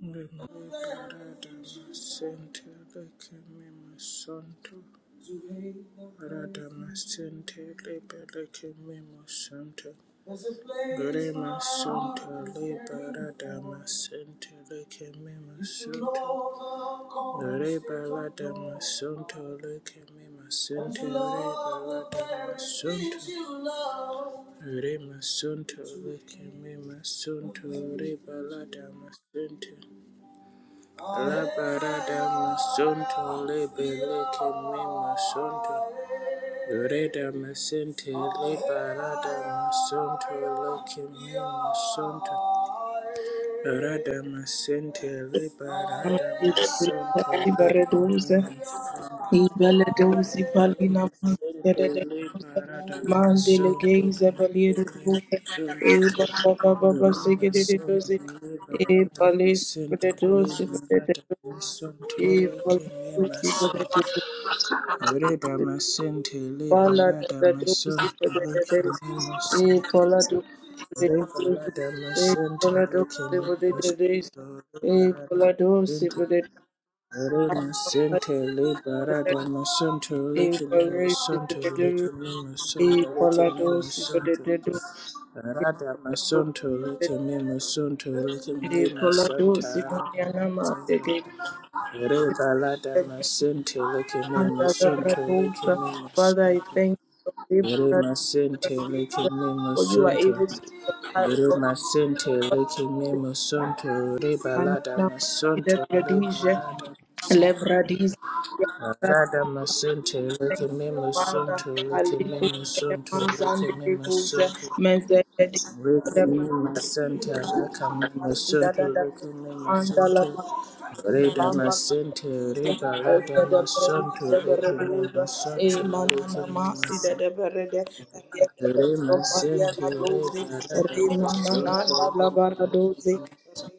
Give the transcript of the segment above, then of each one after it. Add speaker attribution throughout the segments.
Speaker 1: Rema Sunto, Lekemema Sunto, Reba Lada Masunto, Labarada Masonto Lebeleke Me Masonto Reda Masente Lebarada Masonto Leke Me Masonto Rada Masente Lebarada Masonto Leke Me
Speaker 2: Ibaredoza, Ibeledozi,
Speaker 1: Masonto
Speaker 2: Palina,
Speaker 1: Ekele
Speaker 2: Mandedoza,
Speaker 1: parada masunto
Speaker 2: Mandelegeza,
Speaker 1: lekele
Speaker 2: Baliedoza, Eba,
Speaker 1: masunto
Speaker 2: Baba, Baba,
Speaker 1: mura masunto
Speaker 2: Segedoze,
Speaker 1: le parada
Speaker 2: Eba, Lesa,
Speaker 1: masunto le
Speaker 2: Bedoze,
Speaker 1: parada
Speaker 2: Bedoze, Eba,
Speaker 1: lekele
Speaker 2: Lesa,
Speaker 1: masunto
Speaker 2: Bedoze,
Speaker 1: murada masunto le
Speaker 2: Pala, Bedoze, Bedoze,
Speaker 1: lekele
Speaker 2: Eba,
Speaker 1: masunto
Speaker 2: Ladoze,
Speaker 1: mure
Speaker 2: Bedoze,
Speaker 1: parada masunto lekele masunto Arena Sente Liberada Masunto Likimima
Speaker 2: Iparesi
Speaker 1: Masunto
Speaker 2: kudededu,
Speaker 1: Likimima Masunto Likimima
Speaker 2: ipaladosi
Speaker 1: Masunto
Speaker 2: kudededu,
Speaker 1: Arada Masunto Likimima Masunto Likimima
Speaker 2: ipaladosi
Speaker 1: Santa Arada
Speaker 2: bunyanama
Speaker 1: Masunto
Speaker 2: dededu,
Speaker 1: Rebalada Masente Likimima
Speaker 2: anda
Speaker 1: Masunto
Speaker 2: gabradosa.
Speaker 1: Likimima
Speaker 2: Father, I
Speaker 1: Masunto
Speaker 2: thank you for
Speaker 1: Verema Sente
Speaker 2: the
Speaker 1: Likimima
Speaker 2: for you are able to
Speaker 1: Masunto
Speaker 2: supply all
Speaker 1: Verema Sente
Speaker 2: my needs.
Speaker 1: Likimima Masunto
Speaker 2: and
Speaker 1: Rebalada
Speaker 2: now see that
Speaker 1: Masunto
Speaker 2: your dish,
Speaker 1: Liberada Masunto
Speaker 2: lebradiz,
Speaker 1: Arada masunto
Speaker 2: Thank
Speaker 1: leke me
Speaker 2: you, Father.
Speaker 1: masunto leke me
Speaker 2: Aliku
Speaker 1: masunto leke
Speaker 2: Mazande
Speaker 1: me
Speaker 2: Kusa
Speaker 1: masunto
Speaker 2: Mezede
Speaker 1: leke me masanta laka me masunto leke me
Speaker 2: Mandala
Speaker 1: masunto reda
Speaker 2: Bamba
Speaker 1: masente reba lada
Speaker 2: Ezede
Speaker 1: masunto
Speaker 2: Breduza
Speaker 1: leke me
Speaker 2: Bereduza E
Speaker 1: masunto leke
Speaker 2: Manana
Speaker 1: me
Speaker 2: Masi
Speaker 1: masunto
Speaker 2: de Berede Yede
Speaker 1: re
Speaker 2: Sopalia
Speaker 1: masente
Speaker 2: Doze
Speaker 1: reba lada masunto
Speaker 2: Remanananda
Speaker 1: leke
Speaker 2: Labaradoze
Speaker 1: me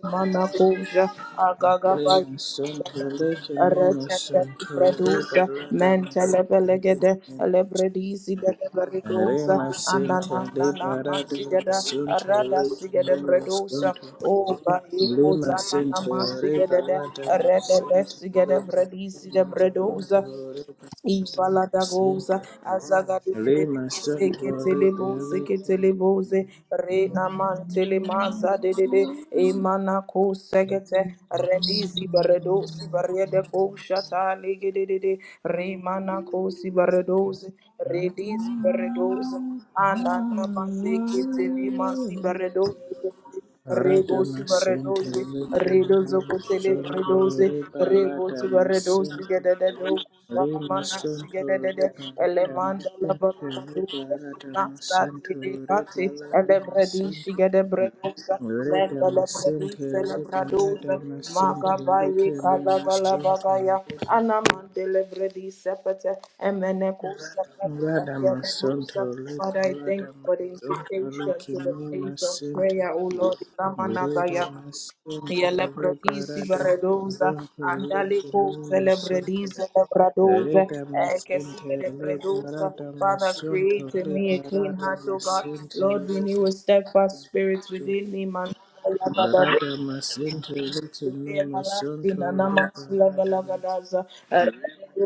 Speaker 2: Manakuja Agaga
Speaker 1: le masunto leke me
Speaker 2: Retete
Speaker 1: masunto reba
Speaker 2: libradusa,
Speaker 1: lada
Speaker 2: mentele belegede,
Speaker 1: masunto
Speaker 2: elebredisi deliberidusa,
Speaker 1: Rema Santa
Speaker 2: ananana
Speaker 1: Libera
Speaker 2: masigede,
Speaker 1: Masunto
Speaker 2: arada sigede
Speaker 1: Lekinema
Speaker 2: bredusa,
Speaker 1: Sunto
Speaker 2: o balikos
Speaker 1: Lima
Speaker 2: anana
Speaker 1: Santa
Speaker 2: masigede,
Speaker 1: Rebala de
Speaker 2: redede
Speaker 1: Masanta
Speaker 2: sigede bredisi de
Speaker 1: Lekinema
Speaker 2: bredusa,
Speaker 1: Sunto
Speaker 2: Ibaladagoza,
Speaker 1: Masunto Lima
Speaker 2: azagadedededeze,
Speaker 1: Santa
Speaker 2: keteleboze,
Speaker 1: Rebala
Speaker 2: keteleboze, renamantelemaza dedede, emanakosekete, redizi baredosi baredekosata legededede, remanakosi baredoze, redizi baredoze, ananamazeketelemasi baredoze,
Speaker 1: Rada
Speaker 2: Rebosu
Speaker 1: Masanta
Speaker 2: Varedosi, Redozo
Speaker 1: Lekinema
Speaker 2: Cosele
Speaker 1: Sunto
Speaker 2: Redosi,
Speaker 1: Rebala
Speaker 2: Rebosu Varedosi,
Speaker 1: de
Speaker 2: Gedadado,
Speaker 1: Lima
Speaker 2: Sanamana,
Speaker 1: Sunto
Speaker 2: Sigedade,
Speaker 1: Ribala
Speaker 2: Elemanda
Speaker 1: Damascente
Speaker 2: Labanaduse,
Speaker 1: Ribala
Speaker 2: Massa
Speaker 1: Damasunto
Speaker 2: Tilicati,
Speaker 1: Ribala
Speaker 2: Elebredi,
Speaker 1: Damascente
Speaker 2: Shigede Bredosa,
Speaker 1: Rida
Speaker 2: Mendelebrebi
Speaker 1: Masente Ribala
Speaker 2: celebradoza,
Speaker 1: Damascente
Speaker 2: magabaye
Speaker 1: Rike Mima
Speaker 2: kalagalabagaya,
Speaker 1: Sunto
Speaker 2: anamantelebredi sepete, emeneko
Speaker 1: Rada
Speaker 2: sepete,
Speaker 1: Masunto
Speaker 2: Father, I
Speaker 1: Ribala
Speaker 2: thank you for the
Speaker 1: Damascente
Speaker 2: invitation
Speaker 1: Rike
Speaker 2: to the
Speaker 1: Mima
Speaker 2: place of
Speaker 1: Sente
Speaker 2: prayer, O Lord, Lamanagaya.
Speaker 1: Rida Masente
Speaker 2: Yele bredisi
Speaker 1: Ribala
Speaker 2: bredoza,
Speaker 1: Damascente
Speaker 2: andale
Speaker 1: Rike
Speaker 2: koze
Speaker 1: Mima
Speaker 2: le
Speaker 1: Sunto
Speaker 2: bredise le bredoze,
Speaker 1: Rida masinte
Speaker 2: ekesige de bredoza.
Speaker 1: liberata
Speaker 2: Father,
Speaker 1: masunto
Speaker 2: create in me a clean
Speaker 1: liberata
Speaker 2: heart, O God.
Speaker 1: masinte
Speaker 2: Lord, renew a steadfast spirit within me, man
Speaker 1: liberata masinte litini masunto
Speaker 2: and amongst
Speaker 1: liberata
Speaker 2: Lavalagadaza and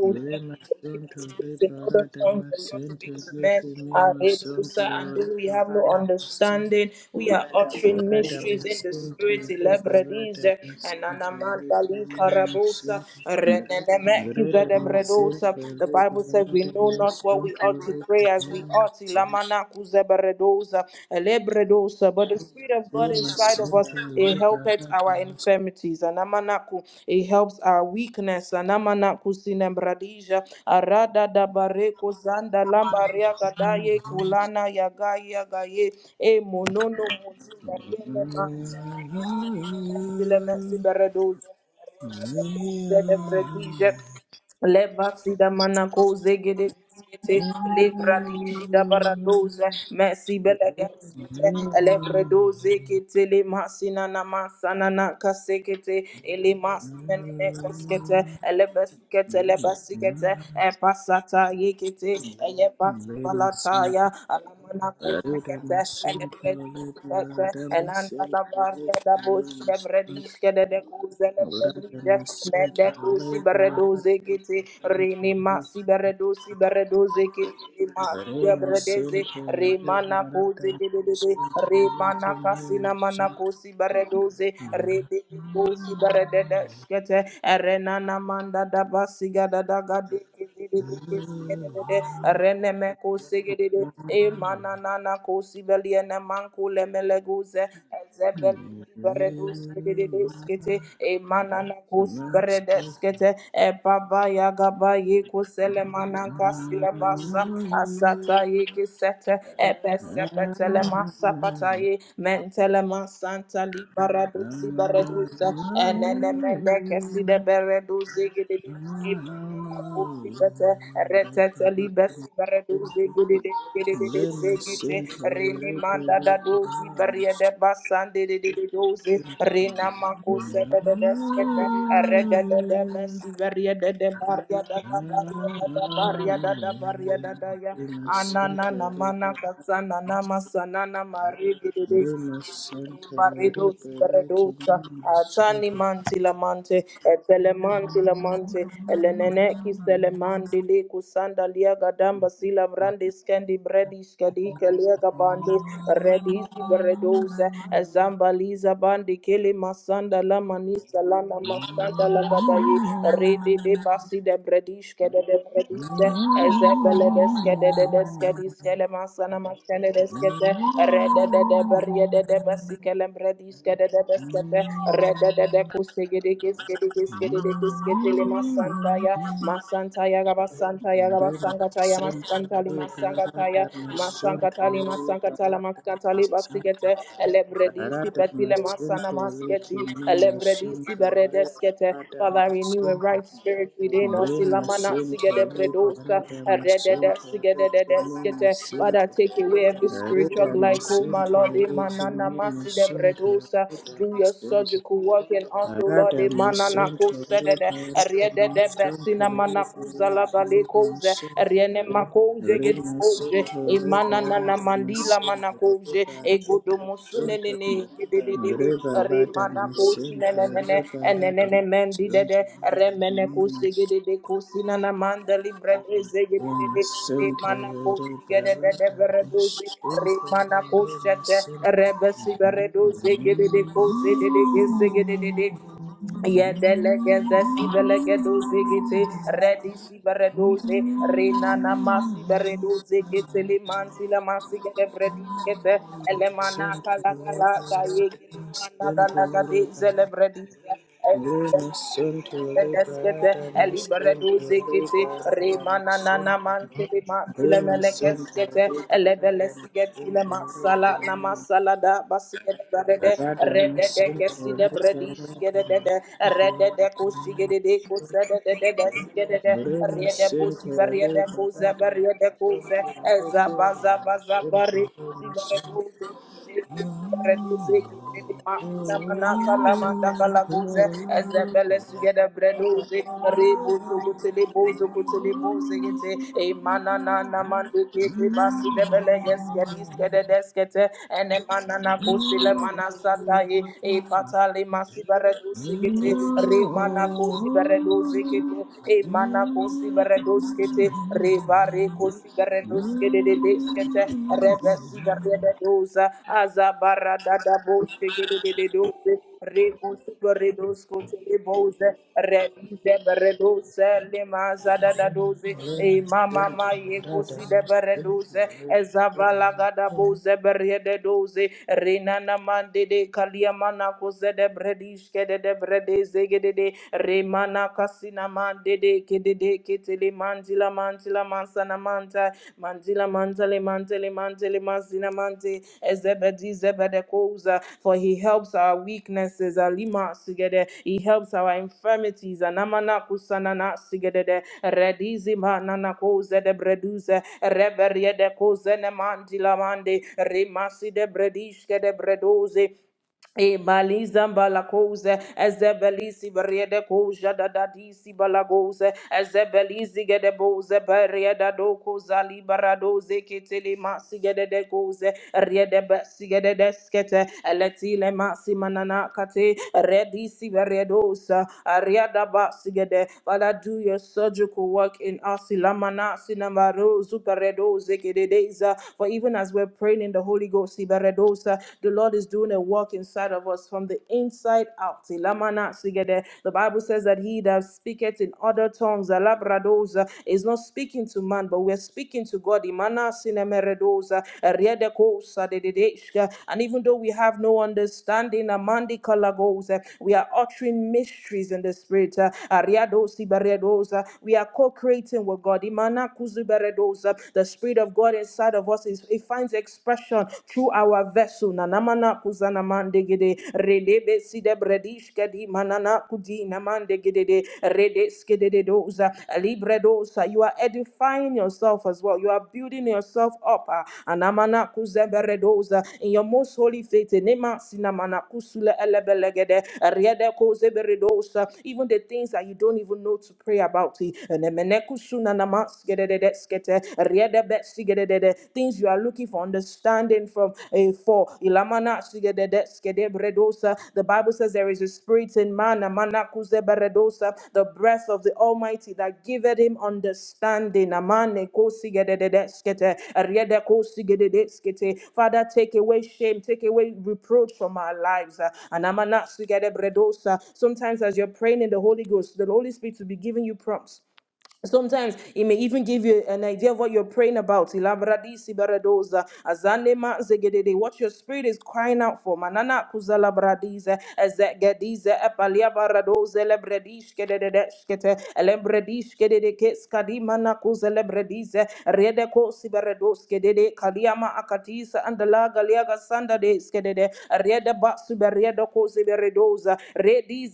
Speaker 1: masunto
Speaker 2: speaks in other
Speaker 1: liberata
Speaker 2: tongues does not
Speaker 1: masinte
Speaker 2: speak to men.
Speaker 1: litini
Speaker 2: Are Redosa,
Speaker 1: masunto
Speaker 2: and though we have no
Speaker 1: liberata masinte
Speaker 2: understanding, we are uttering
Speaker 1: liberata
Speaker 2: mysteries in the
Speaker 1: masinte
Speaker 2: spirit.
Speaker 1: liberata
Speaker 2: Elebredize and
Speaker 1: masinte
Speaker 2: Anamandali
Speaker 1: litini
Speaker 2: Karabosa
Speaker 1: masunto
Speaker 2: Renenemekiza
Speaker 1: Greater Master,
Speaker 2: Debredosa. The
Speaker 1: Greater Master,
Speaker 2: Bible says we
Speaker 1: Greater
Speaker 2: know not what
Speaker 1: Master,
Speaker 2: we ought to pray as we ought. Zeberedosa, Elebredosa. But the Spirit of God
Speaker 1: Greater
Speaker 2: inside of
Speaker 1: Master,
Speaker 2: us, it helpeth our infirmities. Anamanaku, it helps our weakness. Anamanaku sinembradija, Arada dabareko zanda lambaria gadaye kulana yagaye yagaye, e monono mozindariene manta. Anifine mentile metsiberedosa. Levasida manako zegede skete lebradishi da baradoze mercy belegeskete elebredo zekete le masina na masana na kasekete ele masina ne kaskete elebeskete lebasikete e pasata yekete e ye
Speaker 1: Greater Master,
Speaker 2: pasifalataya alamana
Speaker 1: Master,
Speaker 2: kosekete Pepe, and Andalabaria da Bosi de Brediske de Decuse de Bredija, Mendecusi Beredoze Kitty, Rini Masi Beredosi Beredoze Kitty, Masi de Bredeze, Remana Cosi de Remana Casina Manacosi Beredoze, Rede Cosi Beredeskete, Erenana Manda da Basiga da Daga Reneme Kosigede, E Mananana Kosibeliana Manko Lemeleguze, Ezebeli. Beredus kedede skete e manana kosi berede skete e baba ya gaba ye kosele mananka silabasa asata ye kisete e pese petele masa pataye mentele masanta li baradusi beredusa e nene mende keside beredusi gedede Kusikata retete libesi beredu zegede
Speaker 1: Lima
Speaker 2: de gede de de zegete
Speaker 1: Center,
Speaker 2: rene manda da dozi beria de basan de de de de dozi rena mako se de de de skete rede de de besi beria de de baria da da baria da da baria da da baria da da ya anana na mana kasana na masana na mari Maridosi Beredosa, Atani Manti Lamante, Etelemanti Lamante, Eleneneki Selemandi Liku Sanda Liaga Damba Sila Brandi Skendi Bredi Skadika Liaga Bandi, Redisi Beredosa, Zamba Liza Bandi Kili Masanda Lamanisa Lana Masanda Lagadaye, Redi de Basi de Bredi Skede ezebele deskede de deskedi skele masana maskele deskete
Speaker 1: Rema
Speaker 2: rede de de berye de de besikele mredi skede de deskete rede de de kusegede keskede keskede de keskete le masantaya masantaya rabasantaya rabasangataya
Speaker 1: sente
Speaker 2: maskantali
Speaker 1: liberata
Speaker 2: masangataya
Speaker 1: masonto
Speaker 2: masankatali masankatala maskantali basikete elebredi sipetile masana
Speaker 1: leke
Speaker 2: masketi, elembredi siberedeskete. Father, renew a right spirit within us. Ilamana sigedebredosa, eredede
Speaker 1: mema
Speaker 2: sigedededeskete. Father,
Speaker 1: sente
Speaker 2: take away every
Speaker 1: Arida
Speaker 2: spiritual glycoma,
Speaker 1: masente
Speaker 2: Lord.
Speaker 1: liki
Speaker 2: Imanana
Speaker 1: mimi sunto
Speaker 2: masidebredosa.
Speaker 1: arida
Speaker 2: Do your
Speaker 1: masente
Speaker 2: surgical work in us, O Lord.
Speaker 1: arida
Speaker 2: Imanana
Speaker 1: masunto
Speaker 2: kosedede,
Speaker 1: liki arida
Speaker 2: eredede
Speaker 1: masunto
Speaker 2: besinamana
Speaker 1: liki liki mimi
Speaker 2: kuzalabalekose,
Speaker 1: sunto Ure masunto liki
Speaker 2: Emananana
Speaker 1: arida
Speaker 2: mandila
Speaker 1: masunto liki
Speaker 2: manakoje
Speaker 1: arida
Speaker 2: egodo
Speaker 1: sunto
Speaker 2: musunelene dededede
Speaker 1: Ure balada
Speaker 2: remanako
Speaker 1: masente
Speaker 2: sinenene
Speaker 1: liki arida
Speaker 2: enenene mendidede
Speaker 1: masunto
Speaker 2: remeneko segedede kosinana mandali brede zegedede remanako sigedede beredoze remanako shete rebesi beredoze
Speaker 1: Thank
Speaker 2: gedede koze dedede segedede Yedelegezesi belegedoze gete redisi beredoze renana masi beredoze kete le mansi la masi gede bredis kete elemana kala kala gaye gele mana kala gade zele bredis Deskete, Eliberedo Zekete, Remana Nana Mantele Matile Melekeskete, Elebele Sigetile Masala Namasala da Basigede Brede, Rede de Keside Bredi Sigede de Rede de Kusigede de
Speaker 1: you.
Speaker 2: Kusede de Besigede de
Speaker 1: Mrema
Speaker 2: Rede
Speaker 1: sente
Speaker 2: Busi Beria de
Speaker 1: lema
Speaker 2: Kuze
Speaker 1: dada
Speaker 2: Beria de Kuze,
Speaker 1: sente lete
Speaker 2: Ezabaza Baza
Speaker 1: sente
Speaker 2: Barikusi
Speaker 1: lema sente.
Speaker 2: Bereduze. Rebuze kiteli makina manaka la mandaka la guze ezebele sugede bredoze rebuzu kuteli buzu kuteli buze gete imana na na mande kete basu debele geskedi skede deskete ene mana na kusile mana sata e e patali masu bereduze gete re mana kusi bereduze kete e mana kusi bereduze kete Reko Sigaredos
Speaker 1: Thank
Speaker 2: Kede Beskete, Rebe Sigaredosa, Azabara Dada Boschegede de Dose, Reko Sigaredos Cote Bose, Rebize Beredose, Lemaza Dada Dose, E Mama Mayeko Sideberedose, Ezavala Gada Bose Berede Dose, Renana mande de kalia mana kose de bredish kede de brede zegede de manakasina mandede kedede ketele manzila manzila mansana manta manzila manzale mantele mantele mazina mante ezebedi zebede koza for he helps our weaknesses alima sigede he helps our infirmities anamana kusana na sigede redizi manana koze de breduze reberiede koze ne mandila mande rimasi de bredish kede bredoze Emaliza balakose, ezebelisi beriede koja da da disi balagose, ezebelisi gede boze berieda doko zali baradoze ketele masi gede de goze, riede besi gede deskete, eletile masi manana kate, redisi beriedosa, ariada basi gede, Father do your surgical work in us, ilamana sinamaro zuperedoze gede deza, for even as we're praying in the Holy Ghost, iberedosa, the Lord is doing a work inside of us from the inside out. Ilamana sigede. The Bible says that he that speaketh in other tongues alabradoza, is not speaking to man, but we're speaking to God. Imana sinemeredoza, eriedekosa dededeshka. And even though we have no understanding, amandi kalagoza, we are uttering mysteries in the spirit. uh, ariadosi baredoza. We are co-creating with God. Imana kuzu baredoza. The spirit of God inside of us is it finds expression through our vessel. Nanamana kuzana mandegede, redebe side bredishke di manana kudi namandegede, redeske de doza, libre doza. You are edifying yourself as well. You are building yourself up. ah. Anamana kuzebere doza. In your most holy faith, enema sinamana kusule elebelegede, riede kozebere doza. even the things that you don't even know to pray about. eh, enemene kusuna namas- gedede things you are looking for understanding from a for Ilamana Skedebredosa. The Bible says there is a spirit in man, Amana the breath of the Almighty that giveth him understanding. Amane Kosigedede Skete, Riede Kosigedede Skete. Father, take away shame, take away reproach from our lives. uh, and Amana Sigedebredosa. Sometimes as you're praying in the Holy Ghost, the Holy Spirit will be giving you prompts Sometimes it may even give you an idea of what you're praying about. Ilabradi sibaradoza, azane ma zegedede, What your spirit is crying out for. Manana kuzalabradize, ezegedize, epaliabaradoze, lebredishkedede, shkete, elebredishkedede, keskadima na kuzelebredize, redeko sibaradoskedede, kaliama akatisa, andalaga liaga sandade, skedede, redeba suberedoko siberedoza,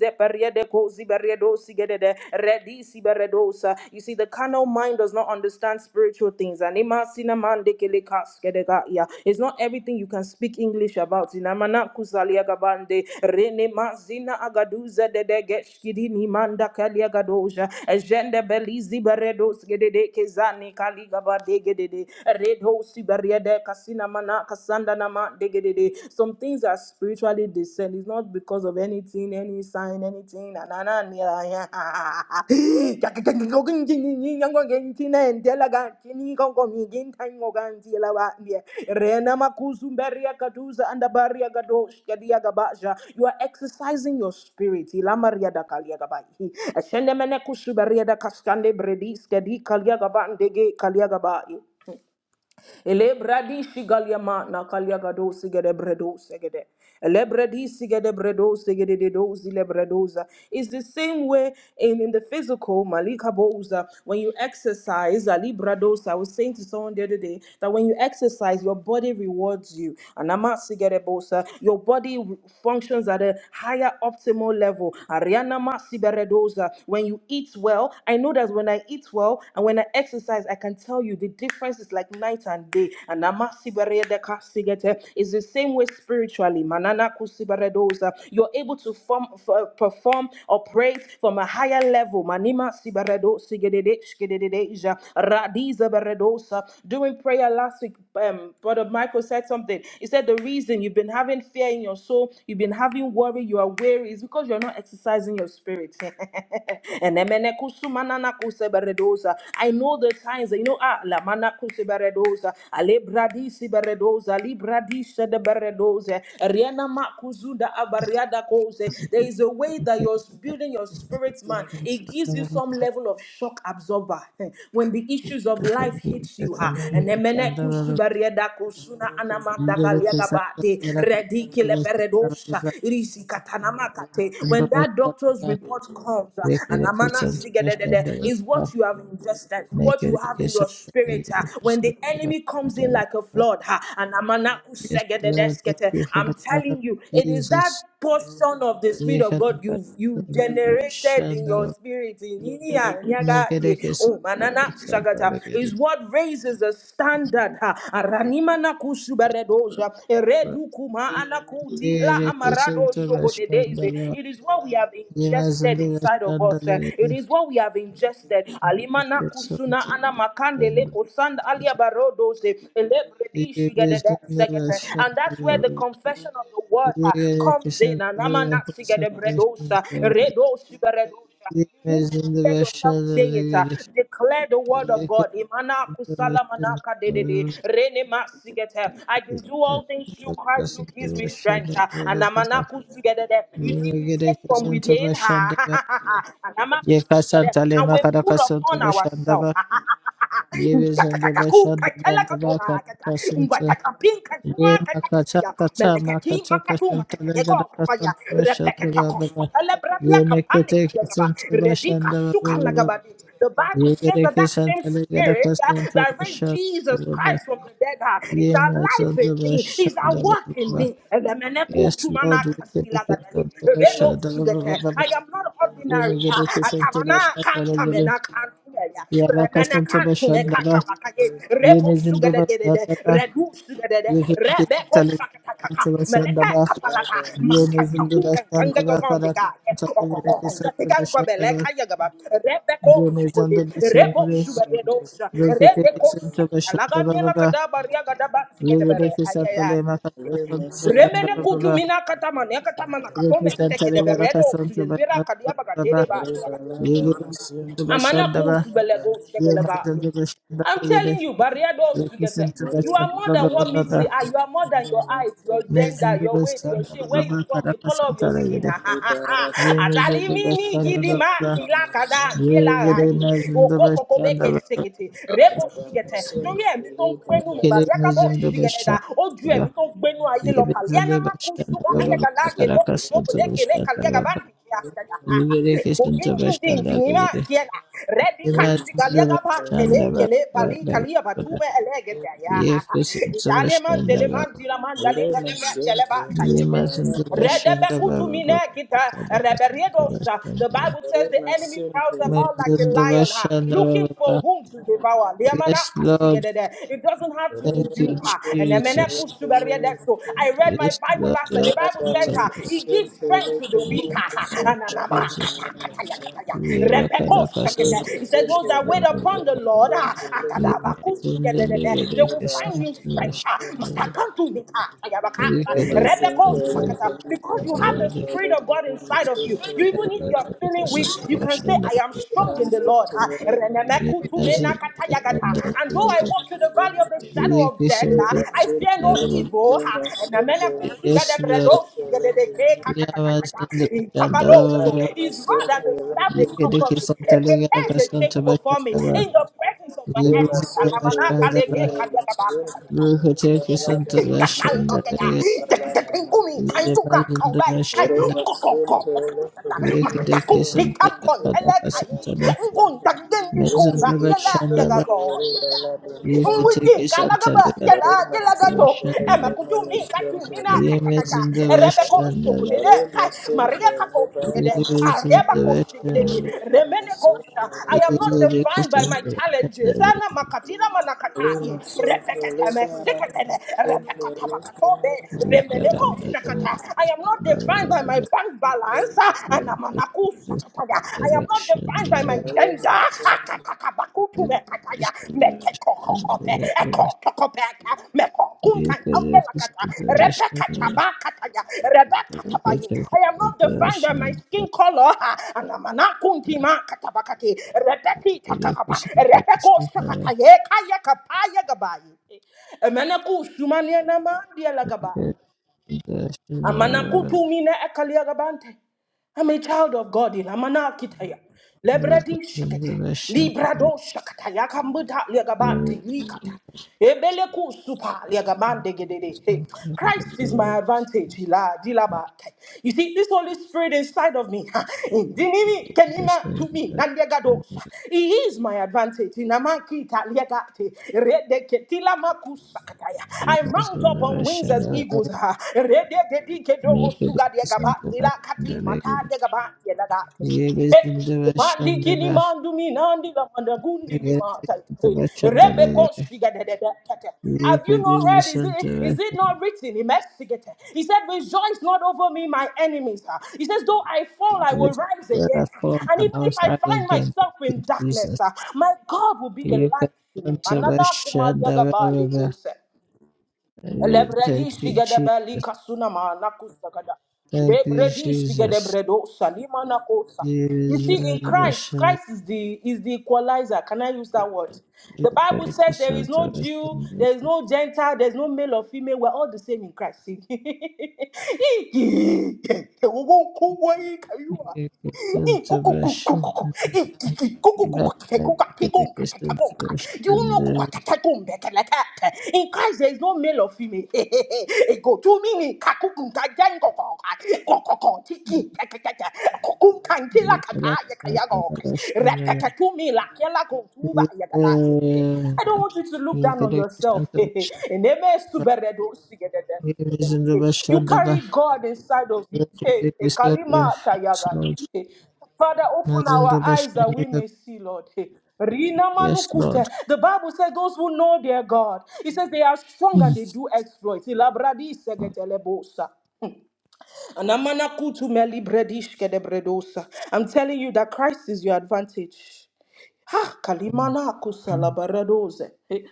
Speaker 2: zepariede kozi beredo sigedede redi siberedosa. You see, the carnal mind does not understand spiritual things. Anima ima sinamande kele kaskedega ya. It's not everything you can speak English about. Inamana kusalia gabande rene mazina agaduza dede geshkidi ni manda kalia gadoja ejende belizi beredo sigedede kezani kali gabade gedede redo siberiede kasina mana kasanda nama degedede some things are spiritually discerned. It's not because of anything, any sign, anything. na- na- na- na- ya- Rena makuzu mberia kaduza anda You are exercising your spirit. Elebradi shigalyama na kalyagado sigede bredo segede. Elebradi sigede bredo segede de dozi lebredoza. It's the same way in, in the physical, Malika Boza, when you exercise, Ali Bradosa, I was saying to someone the other day that when you exercise, your body rewards you. anama Ama sigede bosa, your body functions at a higher optimal level. Ariana Ma siberedoza, when you eat well, I know that when I eat well and when I exercise, I can tell you, the difference is like night and day. And amasibere de kasigete. It's the same way spiritually. Manana kusibere You're able to form, f- perform, operate from a higher level. Manima sibere do sigedede shkedede ja. Radiza bere dosa. During prayer last week, um, Brother Michael said something. He said the reason you've been having fear in your soul, you've been having worry, you are weary, is because you're not exercising your spirit. And Beredosa. I know the signs. You know, ah, La Mana Kusi Beredosa, Alebradisi Beredosa, Libradisha de Beredosa, Riana Makuzunda Abariada Kose. There is a way
Speaker 3: Yes,
Speaker 2: that you're building your spirit, man.
Speaker 3: Lord,
Speaker 2: It gives
Speaker 3: thank
Speaker 2: you some level of shock absorber when the issues of life hits you. Ah, and Emene Kusu Beriada Kusuna Anamanda Galiagabate, Redikile Beredosa, Irisi Katanamakate. When that doctor's report comes, uh, anamana is what you have ingested, what you have in your spirit. ah. When the enemy comes in like a flood, ah, and
Speaker 3: you for
Speaker 2: I'm
Speaker 3: the blood
Speaker 2: telling you,
Speaker 3: of
Speaker 2: it is that
Speaker 3: Jesus.
Speaker 2: portion of the spirit of God you've you
Speaker 3: Shandava,
Speaker 2: generated in your spirit in Inia, Nyaga, Ye,
Speaker 3: Negerekis,
Speaker 2: oh, Manana,
Speaker 3: Shandava, Negerekis, Shandava,
Speaker 2: Shagata,
Speaker 3: make it
Speaker 2: is what raises the standard. ha.
Speaker 3: a kiss.
Speaker 2: Aranima na kusubaredoja, eredu kuma anakuti la
Speaker 3: Make it
Speaker 2: amarado
Speaker 3: a
Speaker 2: sogodedeze.
Speaker 3: kiss.
Speaker 2: It is what we have ingested ingested
Speaker 3: Yemezinde
Speaker 2: inside of us. eh. It
Speaker 3: yaşlandaligini
Speaker 2: is what we have ingested. Alimana kusuna
Speaker 3: kesonte
Speaker 2: ana makandele kusand alia barodose elebredi shigedede
Speaker 3: Yemezinde
Speaker 2: segete. And that's where the
Speaker 3: yaşlandaligini
Speaker 2: confession of the word eh, comes in.
Speaker 3: Yemezinde
Speaker 2: Anamana sigedebredosa redosi beredosa. You need to hear yourself say it. uh,
Speaker 3: yaşlandaligini
Speaker 2: Declare the word of God. Imana kusala manaka dedede, rene masigete. I can do all things through Christ who gives me strength. uh, and amana kusigedede. You see, we
Speaker 3: Yemezinde yaşlandaligini
Speaker 2: take from within. and amana kusigedede,
Speaker 3: Yekasanta
Speaker 2: And
Speaker 3: lema
Speaker 2: we put upon
Speaker 3: karakasanta
Speaker 2: ourselves.
Speaker 3: başandaba Yemezinde yaşlandaba baba karakasanta Ye makacha kacha makacha kashanta lega da kashanta bashanda baba ba. Ye mekete kashanta bashanda baba baba.
Speaker 2: The Bible
Speaker 3: Ye
Speaker 2: says
Speaker 3: gere
Speaker 2: that that same
Speaker 3: kashanta lega da
Speaker 2: spirit uh,
Speaker 3: kashanta
Speaker 2: that raised
Speaker 3: bashanda
Speaker 2: Jesus
Speaker 3: baba ba.
Speaker 2: Christ from the dead uh, is
Speaker 3: Ye
Speaker 2: our life in
Speaker 3: mazanda
Speaker 2: me, is our
Speaker 3: bashanda
Speaker 2: work
Speaker 3: baba
Speaker 2: in
Speaker 3: ba.
Speaker 2: me. and the Elemeneku,
Speaker 3: Yes,
Speaker 2: tumana,
Speaker 3: Lord, we can make
Speaker 2: kasila,
Speaker 3: it
Speaker 2: gadali,
Speaker 3: on the
Speaker 2: reno,
Speaker 3: Bashanda Baba
Speaker 2: sugete. I
Speaker 3: Baba.
Speaker 2: I am not
Speaker 3: Ye
Speaker 2: ordinary.
Speaker 3: megere
Speaker 2: I
Speaker 3: kashanta
Speaker 2: Tabana
Speaker 3: bashanda
Speaker 2: can't ah.
Speaker 3: lega da.
Speaker 2: Atamana kantamena kantumeya.
Speaker 3: Ye
Speaker 2: Remena
Speaker 3: makashanta
Speaker 2: kantume
Speaker 3: bashanda ba.
Speaker 2: kakabakaye.
Speaker 3: Ye
Speaker 2: Rebo
Speaker 3: mezinda
Speaker 2: sugadegedede.
Speaker 3: bashanda ba.
Speaker 2: Redu sugadede.
Speaker 3: Ye gere kashanta
Speaker 2: Rebeko
Speaker 3: lega da
Speaker 2: sakatakaka.
Speaker 3: kashanta bashanda
Speaker 2: Meleke kapalaka.
Speaker 3: Yemezinde
Speaker 2: Makakakunga
Speaker 3: başlarında ve atarak
Speaker 2: kangagagambika.
Speaker 3: çatı gerek esinti
Speaker 2: Okokongatigangwa
Speaker 3: başlarında ve
Speaker 2: beleka yagaba. Rebeko sugode.
Speaker 3: yemezinde
Speaker 2: Rebo
Speaker 3: başlarında ve
Speaker 2: sugadedosa.
Speaker 3: rekete
Speaker 2: Rebeko
Speaker 3: kesinti başlarında
Speaker 2: sakalaga
Speaker 3: ve
Speaker 2: mela
Speaker 3: baba
Speaker 2: kadaba riaga daba
Speaker 3: ve gerek esinti
Speaker 2: sigedebere.
Speaker 3: lehme katasın başlarında
Speaker 2: Remene
Speaker 3: ve
Speaker 2: kutu
Speaker 3: baba
Speaker 2: mina katama ne katama na
Speaker 3: gerek
Speaker 2: katome
Speaker 3: esinti
Speaker 2: seke de
Speaker 3: lehme
Speaker 2: beredo
Speaker 3: katasın
Speaker 2: sudesvira
Speaker 3: başlarında ve
Speaker 2: kadiaba katere
Speaker 3: baba
Speaker 2: ba
Speaker 3: ve gerek esinti
Speaker 2: Amana
Speaker 3: başlarında ve
Speaker 2: kusubelego shekelegayo.
Speaker 3: yemezinde başlarında
Speaker 2: I'm
Speaker 3: ve
Speaker 2: telling
Speaker 3: gerek
Speaker 2: you, barrier doors to
Speaker 3: esinti
Speaker 2: You are more
Speaker 3: başlarında ve
Speaker 2: than
Speaker 3: baba
Speaker 2: what meets the
Speaker 3: baba
Speaker 2: eye. You are more than your height, your gender,
Speaker 3: mezinde
Speaker 2: your weight, your
Speaker 3: başlarında
Speaker 2: shape,
Speaker 3: ve
Speaker 2: where you
Speaker 3: baba
Speaker 2: from, the color
Speaker 3: karakasın
Speaker 2: of your
Speaker 3: tara
Speaker 2: skin.
Speaker 3: gerek
Speaker 2: Atali
Speaker 3: yemezinde
Speaker 2: mini
Speaker 3: başlarında
Speaker 2: gidi
Speaker 3: ve
Speaker 2: ma
Speaker 3: baba
Speaker 2: tila kada kila rahi.
Speaker 3: Yerimezin de
Speaker 2: Oko koko
Speaker 3: başkan
Speaker 2: beke
Speaker 3: da
Speaker 2: sigete. Rebo sigete. Tori emi ton gbenu mi ma yaka
Speaker 3: yerimezin de
Speaker 2: sigete da.
Speaker 3: başkan
Speaker 2: Oju
Speaker 1: you.
Speaker 3: da
Speaker 2: emi ton gbenu aye lo
Speaker 3: yerimezin
Speaker 2: pali. Ana
Speaker 3: de
Speaker 2: ma
Speaker 3: başkan
Speaker 2: kusuba
Speaker 1: Thank
Speaker 3: da
Speaker 2: ane
Speaker 3: Baba.
Speaker 2: gala ge
Speaker 3: karakasın da
Speaker 2: le
Speaker 3: başkan da
Speaker 2: kalia
Speaker 3: Baba.
Speaker 2: gabandi kiasa
Speaker 3: yeri
Speaker 2: ya.
Speaker 3: kesin de
Speaker 2: Buginji
Speaker 3: başkan
Speaker 2: jinji
Speaker 3: da yeri
Speaker 2: Rebi kashi
Speaker 3: yerimezin
Speaker 2: kalia
Speaker 3: de
Speaker 1: you.
Speaker 2: gaba
Speaker 3: başkan
Speaker 2: tele
Speaker 3: da Baba.
Speaker 2: kele pali kalia
Speaker 3: Baba,
Speaker 2: batume elegete ya.
Speaker 3: yeri kesin de
Speaker 2: Itane man
Speaker 3: başkan
Speaker 2: dele
Speaker 3: da
Speaker 2: man
Speaker 3: Baba,
Speaker 2: tira dale gatume tele ba
Speaker 3: yerimezin de başkan da Baba. Baba. karakasın da başkan
Speaker 2: The
Speaker 3: da
Speaker 2: Bible says the enemy prowls about like a
Speaker 3: mezin de
Speaker 2: lion, huh?
Speaker 3: başkan da
Speaker 2: looking for
Speaker 3: Baba.
Speaker 2: whom to devour.
Speaker 3: Yes, Lord,
Speaker 2: It doesn't have to be
Speaker 3: thank you,
Speaker 2: you. ah. And emene
Speaker 3: Jesus.
Speaker 2: kushu beria deso. I read my
Speaker 3: Yes,
Speaker 2: Bible
Speaker 3: Lord,
Speaker 2: last and
Speaker 3: yes,
Speaker 2: the Bible says
Speaker 3: Santa
Speaker 2: ah,
Speaker 3: God.
Speaker 2: he gives strength to the weak. ah, ah.
Speaker 3: Lord
Speaker 2: Ananama
Speaker 3: Jesus,
Speaker 2: kata kata ya kata ya.
Speaker 3: we have a kind
Speaker 2: Rebeko
Speaker 3: of custom to
Speaker 2: sekete. He says
Speaker 3: us.
Speaker 2: those that wait
Speaker 3: Lord,
Speaker 2: upon the Lord, ah,
Speaker 3: we have to deliver
Speaker 2: they will
Speaker 3: Kadaka
Speaker 2: find
Speaker 3: Santa.
Speaker 2: new strength.
Speaker 3: Yes,
Speaker 2: ah.
Speaker 3: Lord.
Speaker 2: Matakantu
Speaker 1: Thank
Speaker 2: Because you have the Spirit of God inside of you. You even even if you are feeling weak, you can say, I am strong in the Lord. Ah, renemekutumenakatayagata. And though I walk through the valley of the shadow of death, ah, I fear no evil. Ah,
Speaker 3: Yeah,
Speaker 2: enemenekusugadebredosugededekekakakakaka. Inkabaloso. His rod and his staff, they comfort me.
Speaker 3: I
Speaker 2: It prepares a table before me
Speaker 3: understand.
Speaker 2: in the presence of my enemies.
Speaker 3: Yebezindabashandaba,
Speaker 2: Alamanakalegekagagabakakakaka. I'm gonna make
Speaker 3: Ruhutekesundabashandaba,
Speaker 1: you.
Speaker 3: Yemazindabashanda,
Speaker 1: Thank
Speaker 3: Yeketekesundabakadakasantale, Mezandabashandaba, Yeketekesantale, Yadakasantale,
Speaker 2: you
Speaker 3: Yemezindabashandaba,
Speaker 2: mine, make you mine. I am not defined by my
Speaker 3: Yemezindabashandaba,
Speaker 2: challenges. Ana
Speaker 3: Yeketekesantale,
Speaker 2: makatina manakataye. Reteketeme siketene. Repekatabakatobe. Remeneko
Speaker 3: Yekadamazindabashandaba,
Speaker 2: shakata. I am not defined by my bank balance. Ana manaku sakataya. I am not defined by
Speaker 3: Yeketekesantale,
Speaker 2: my gender.
Speaker 1: you.
Speaker 2: I
Speaker 3: Make it something Yebes
Speaker 2: am not defined by my skin color. ha. Anamana kuntima katabakati. Repeti takakaba. Repeko sakataye kaya kapaya gabayi. Emenaku sumania nama dia Amanakutu mine ekaliagabante. I'm a child of God. in Amanakitaya. Lebredi
Speaker 3: in
Speaker 2: shakete.
Speaker 3: the
Speaker 2: Librado shakata. Yakambuta liagabanti likata. Ebeleku supa liagabande gedede. Hey, Christ is my advantage. Hila dilaba. You see, this Holy Spirit inside of me, ha, indinini kenima to me, nandiagados. He is my advantage. Inamakita liagate. Redeketila makusakataya. I mount up on wings as eagles. ha. Eh,
Speaker 3: Russian,
Speaker 2: Mandi
Speaker 3: the
Speaker 2: kini mandu minandi la mandagundi ni
Speaker 3: Bahrain,
Speaker 2: mata.
Speaker 3: the
Speaker 2: Eh,
Speaker 3: Russian,
Speaker 2: Rebe
Speaker 3: the
Speaker 2: de de de kete.
Speaker 3: You
Speaker 2: Have you
Speaker 3: can
Speaker 2: not
Speaker 3: do
Speaker 2: heard? Is
Speaker 3: mission
Speaker 2: it,
Speaker 3: to
Speaker 2: is it
Speaker 3: it.
Speaker 2: not written? He He said, Rejoice not over me, my enemies. ah. He says, Though I fall, I will
Speaker 3: Lift
Speaker 2: rise again.
Speaker 3: the form
Speaker 2: And
Speaker 3: and
Speaker 2: even
Speaker 3: I'll
Speaker 2: if I
Speaker 3: try
Speaker 2: find
Speaker 3: again. Thank
Speaker 2: myself in
Speaker 3: you,
Speaker 2: darkness,
Speaker 3: Jesus.
Speaker 2: ah, my God will be a
Speaker 3: You can
Speaker 2: light to me.
Speaker 3: turn to
Speaker 2: Anana
Speaker 3: mission the
Speaker 2: kumaliagabali
Speaker 3: river.
Speaker 2: kose.
Speaker 3: You
Speaker 2: Lebredi
Speaker 3: thank you,
Speaker 2: shigada bali
Speaker 3: Jesus.
Speaker 2: kasunama nakusagada.
Speaker 3: Thank you,
Speaker 2: Lebredi shigada
Speaker 3: Jesus.
Speaker 2: bredo salima nakosa. You see, in
Speaker 3: Jesus,
Speaker 2: Christ,
Speaker 3: mission.
Speaker 2: Christ is the is the equalizer. Can I use that word?
Speaker 3: You
Speaker 2: The
Speaker 3: can
Speaker 2: Bible
Speaker 3: turn
Speaker 2: says there is no
Speaker 3: to
Speaker 2: Jew,
Speaker 3: mission.
Speaker 2: there is no Gentile, there is no male or female. We're all the same in Christ.
Speaker 3: You can
Speaker 2: Do
Speaker 3: turn
Speaker 2: you know
Speaker 3: to mission. Back to the to mission.
Speaker 2: in Christ there is no male or female? Go to me, Kakukunta Jango, Kokoko, Tiki, Kakaka, Kokunkan, Tila
Speaker 3: You can
Speaker 2: Kata, Yakayago,
Speaker 3: turn to mission.
Speaker 2: Repeka to me, Lakela Kuba
Speaker 3: Yes,
Speaker 2: Yagala.
Speaker 3: Lord.
Speaker 2: I don't want you to look down on yourself. And they may You carry God inside of you. Hey, Kalima Tayagade. Hey. Father, open our eyes that we may see, Lord. Hey. Rina manukute. The Bible says those who know their God, it says they are strong and they do exploits. Ilabradi segetelebosa. Anamanakutu melibredishkedebredosa. I'm telling you that Christ is your advantage. Ha, kalimana kusala baradoze. Hey,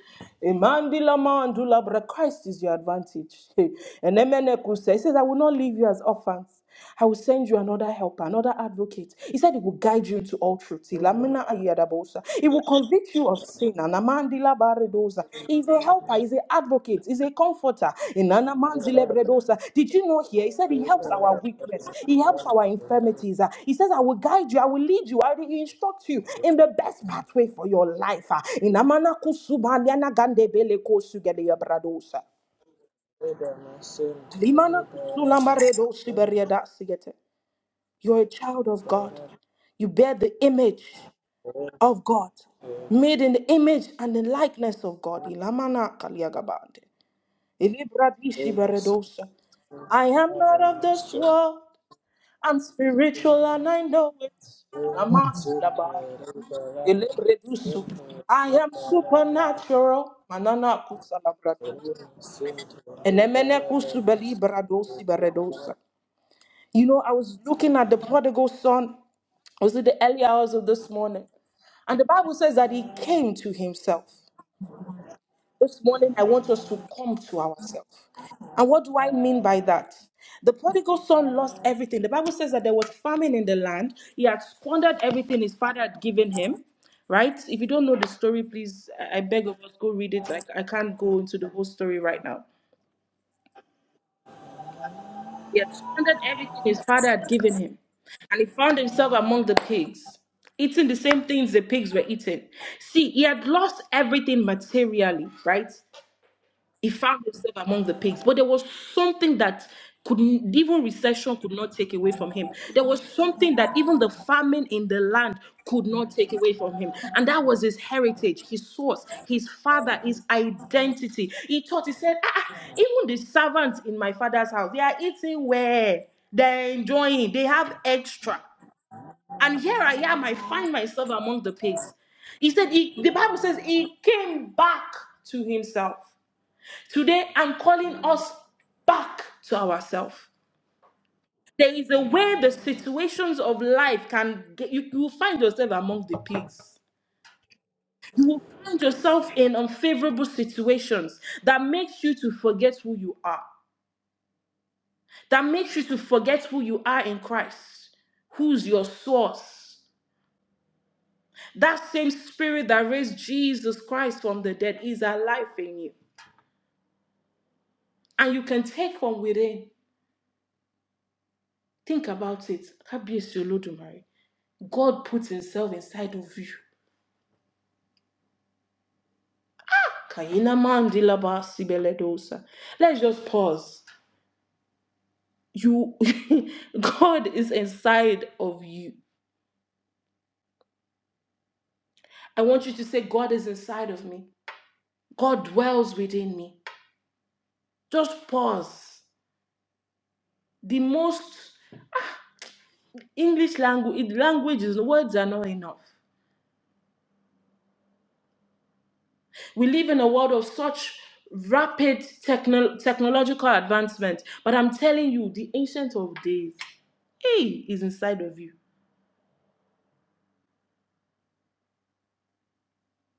Speaker 2: Imandila mandula bra. Christ is your advantage. Hey, And Emene kusa. He says, I will not leave you as orphans. I will send you another helper, another advocate. He said he will guide you into all truth. Ilamina ayadabosa. He will convict you of sin. And Redosa. He's a helper, he's an advocate, he's a comforter. In Anna Manzile Bredosa. Did you know here? He said he helps our weakness, he helps our infirmities. Uh, He says, I will guide you, I will lead you, I will instruct you in the best pathway for your life. Uh, In Amana Kusuba, Liana Gande Bele Kosugele ya Bradosa. Limana Kusulama Redosi Beriada Sigete. You're a child of God. You bear the image of God, made in the image and the likeness of God. Ilamana Kaliagabande. Elibradishi Baradosa. I am not of this world. I'm spiritual and I know it. And I'm asilabari. Elebredusu. I am supernatural. Manana kusalabradosa. And emene kusubeli baradosi baradosa. You know, I was looking at the prodigal son. Was it the early hours of this morning? And the Bible says that he came to himself. This morning, I want us to come to ourselves. And what do I mean by that? The prodigal son lost everything. The Bible says that there was famine in the land. He had squandered everything his father had given him, right? If you don't know the story, please, I I beg of us, go read it. I, I can't go into the whole story right now. He had squandered everything his father had given him. And he found himself among the pigs, eating the same things the pigs were eating. See, he had lost everything materially, right? he found himself among the pigs. But there was something that couldn't even recession could not take away from him. There was something that even the famine in the land could not take away from him. And that was his heritage, his source, his father, his identity. He thought he said, ah, ah, even the servants in my father's house, they are eating well, they're enjoying, they have extra. And here I am, I find myself among the pigs. He said, he, the Bible says he came back to himself. Today, I'm calling us back to ourselves. There is a way the situations of life can get you, you will find yourself among the pigs. You will find yourself in unfavorable situations that makes you to forget who you are, that makes you to forget who you are in Christ, who's your source. That same spirit that raised Jesus Christ from the dead is alive in you. And you can take from within. Think about it. Kabiyesi Olodumare. God puts himself inside of you. Kaina mandila ba sibeledosa. Let's just pause. You God is inside of you. I want you to say, God is inside of me. God dwells within me. Just pause. The most English language languages, words are not enough. We live in a world of such rapid techno- technological advancement, but I'm telling you, the ancient of days, he is inside of you.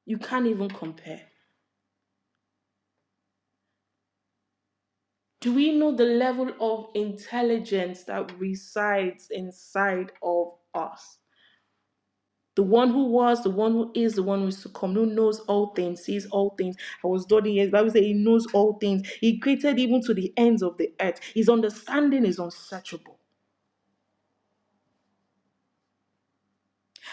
Speaker 2: You can't even compare. Do we know the level of intelligence that resides inside of us? The one who was, the one who is, the one who is to come, who knows all things, sees all things. I was studying here, the Bible says he knows all things. He created even to the ends of the earth. His understanding is unsearchable.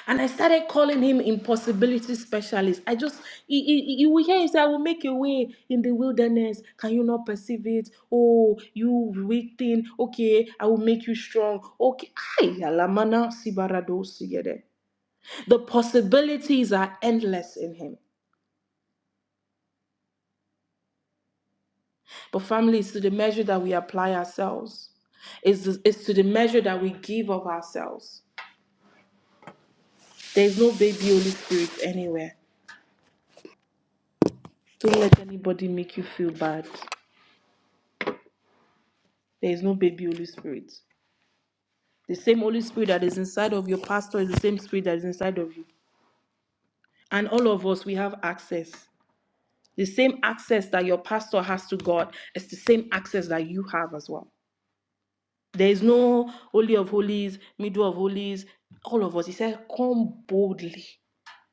Speaker 2: And I started calling him impossibility specialist. I just, you, you, you will hear him say, I will make a way in the wilderness. Can you not perceive it? Oh, you weak thing. Okay, I will make you strong. Okay. Ay, alamana sibarado sigede. The possibilities are endless in him. But family, it's to the measure that we apply ourselves, it's, it's to the measure that we give of ourselves. There is no baby Holy Spirit anywhere. Don't let anybody make you feel bad. There is no baby Holy Spirit. The same Holy Spirit that is inside of your pastor is the same spirit that is inside of you. And all of us, we have access. The same access that your pastor has to God is the same access that you have as well. There is no Holy of Holies, Middle of Holies. All of us, he said, come boldly.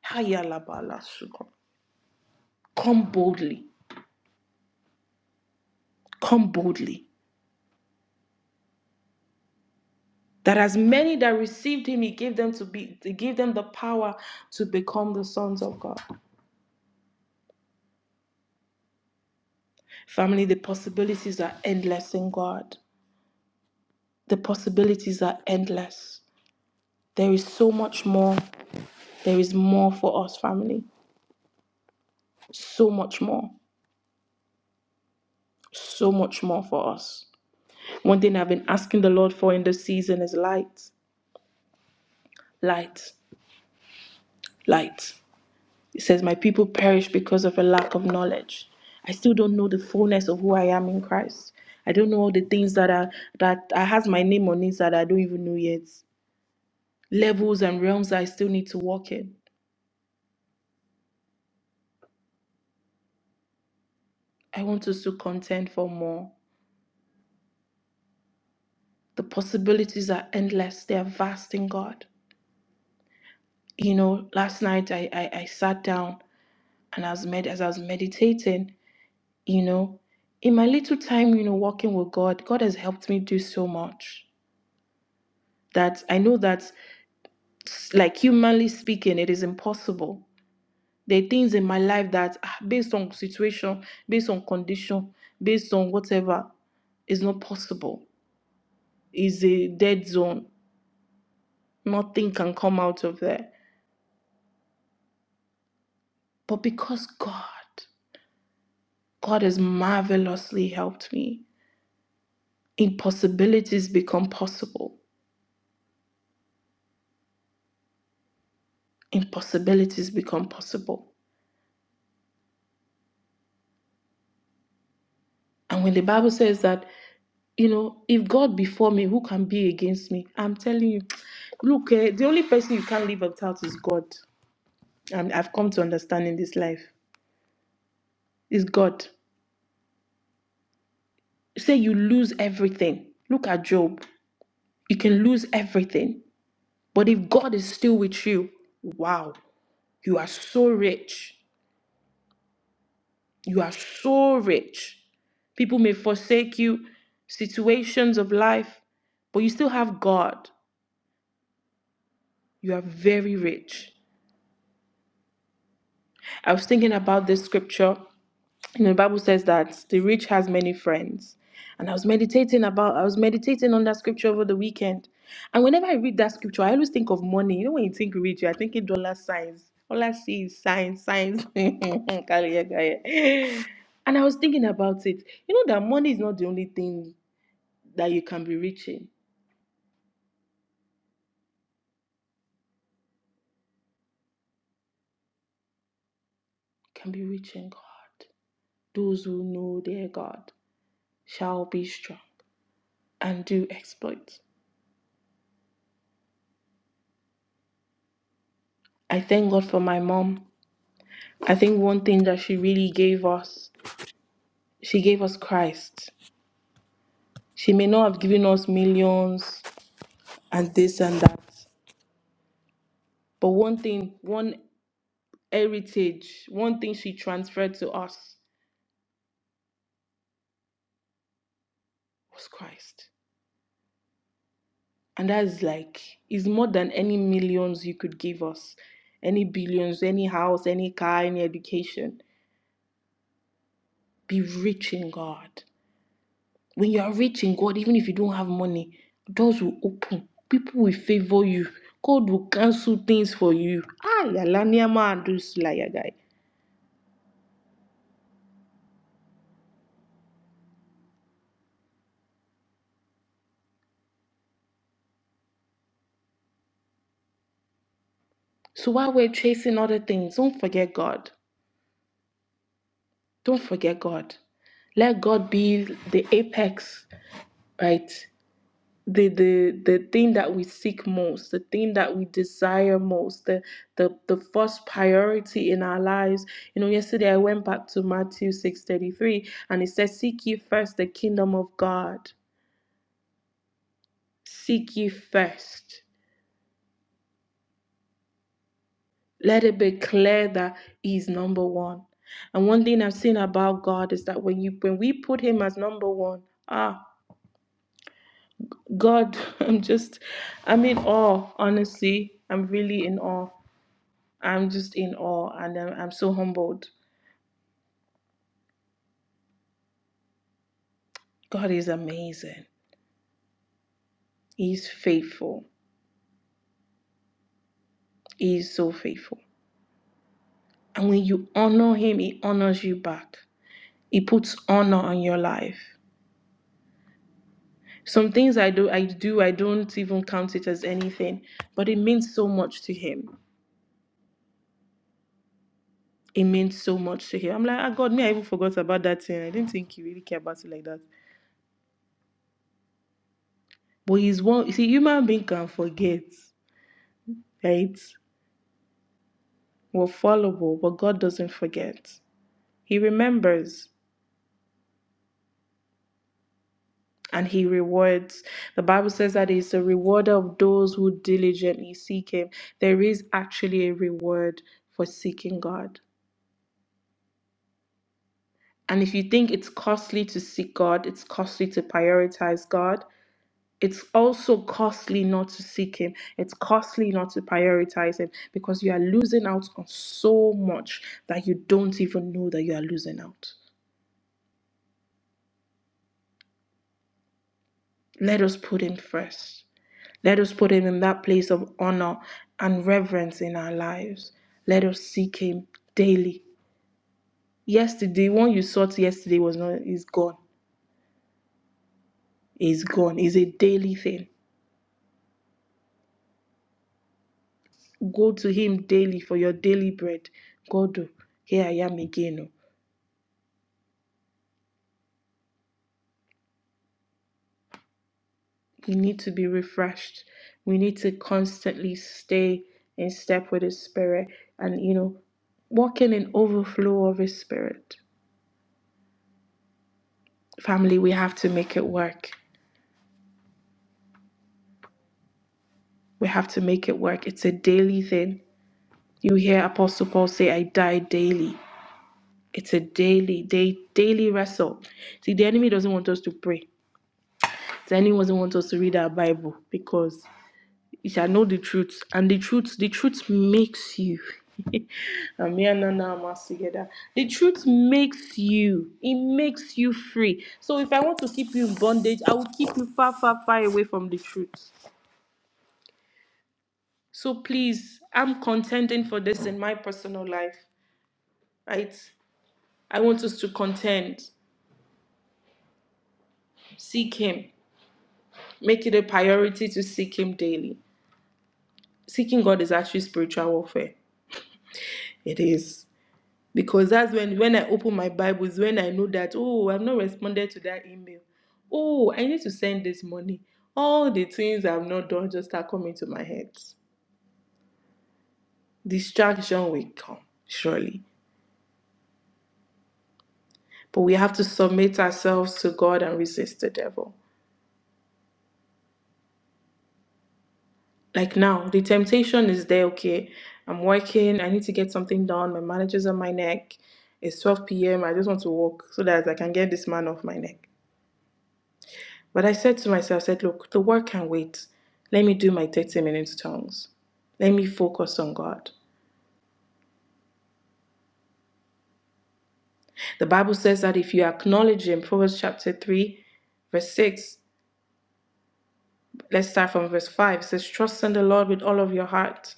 Speaker 2: Hayalabala suko. Come boldly. Come boldly. That as many that received him, he gave them to be, he gave them the power to become the sons of God. Family, the possibilities are endless in God. The possibilities are endless. There is so much more. There is more for us, family. So much more. So much more for us. One thing I've been asking the Lord for in this season is light. Light. Light. It says, My people perish because of a lack of knowledge. I still don't know the fullness of who I am in Christ. I don't know all the things that are that I has my name on it that I don't even know yet. Levels and realms that I still need to walk in. I want us to contend for more. The possibilities are endless, they are vast in God. You know, last night I, I, I sat down and as med- as I was meditating, you know, in my little time, you know, walking with God, God has helped me do so much that I know that, like humanly speaking, it is impossible. There are things in my life that, ah, based on situation, based on condition, based on whatever, is not possible. Is a dead zone Nothing can come out of there. But because God, God has marvelously helped me, impossibilities become possible. Impossibilities become possible. And when the Bible says that, you know, if God be for me, who can be against me? I'm telling you, look, eh, the only person you can't live without is God. And I've come to understand in this life is God. Say you lose everything. Look at Job. You can lose everything. But if God is still with you, wow. You are so rich. You are so rich. People may forsake you, situations of life, but you still have God. You are very rich. I was thinking about this scripture You know, the Bible says that the rich has many friends. And I was meditating about, I was meditating on that scripture over the weekend. And whenever I read that scripture, I always think of money. You know, when you think rich, you're thinking dollar signs. All I see is signs, signs. and I was thinking about it. You know that money is not the only thing that you can be rich in. You can be rich in God. Those who know their God shall be strong and do exploits. I thank God for my mom. I think one thing that she really gave us, she gave us Christ. She may not have given us millions and this and that, but one thing, one heritage, one thing she transferred to us was Christ. And that is like, is more than any millions you could give us, any billions, any house, any car, any education. Be rich in God. When you are rich in God, even if you don't have money, doors will open. People will favor you. God will cancel things for you. Ah, yalania ma adusla yagai. So while we're chasing other things, don't forget God. Don't forget God. Let God be the apex, right? the the the thing that we seek most the thing that we desire most the the, the first priority in our lives you know yesterday i went back to matthew 6.33 and it says seek ye first the kingdom of god seek ye first let it be clear that He's number one and one thing i've seen about god is that when you when we put him as number one ah god i'm just i'm in awe honestly i'm really in awe I'm just in awe and I'm, I'm so humbled. God is amazing. He's faithful. He is so faithful. And when you honor him, he honors you back. He puts honor on your life. Some things I do, I do, I don't even count it as anything, but it means so much to him. It means so much to him. I'm like, oh God, me, I even forgot about that thing. I didn't think he really cared about it like that. But he's one, see, human being can forget, right? We're fallible, but God doesn't forget. He remembers and he rewards. The Bible says that he's the rewarder of those who diligently seek him. There is actually a reward for seeking God. And if you think it's costly to seek God, it's costly to prioritize God. It's also costly not to seek Him. It's costly not to prioritize Him because you are losing out on so much that you don't even know that you are losing out. Let us put Him first. Let us put him in that place of honor and reverence in our lives. Let us seek him daily. Yesterday, one you sought yesterday was not is gone. Is gone. Is a daily thing. Go to him daily for your daily bread. God, oh, here I am again. oh. We need to be refreshed. We need to constantly stay in step with his spirit and you know, walking in overflow of his spirit. Family, we have to make it work. We have to make it work. It's a daily thing. You hear Apostle Paul say, I die daily. It's a daily, day, daily wrestle. See, the enemy doesn't want us to pray. The enemy doesn't want us to read our Bible because you shall know the truth. And the truth, the truth makes you. And me and Nana are mass together. The truth makes you. It makes you free. So if I want to keep you in bondage, I will keep you far, far, far away from the truth. So please, I'm contending for this in my personal life. right? I want us to contend, seek Him, make it a priority to seek Him daily. Seeking God is actually spiritual warfare. It is. Because that's when, when I open my Bible, is when I know that, oh, I've not responded to that email. Oh, I need to send this money. All the things I've not done just start coming to my head. Distraction will come, surely. But we have to submit ourselves to God and resist the devil. like now the temptation is there okay i'm working i need to get something done my manager's on my neck it's 12 p.m i just want to walk so that i can get this man off my neck but i said to myself I said look the work can wait let me do my 30 minutes tongues let me focus on god the bible says that if you acknowledge him proverbs chapter 3 verse 6 let's start from verse 5 it says trust in the lord with all of your heart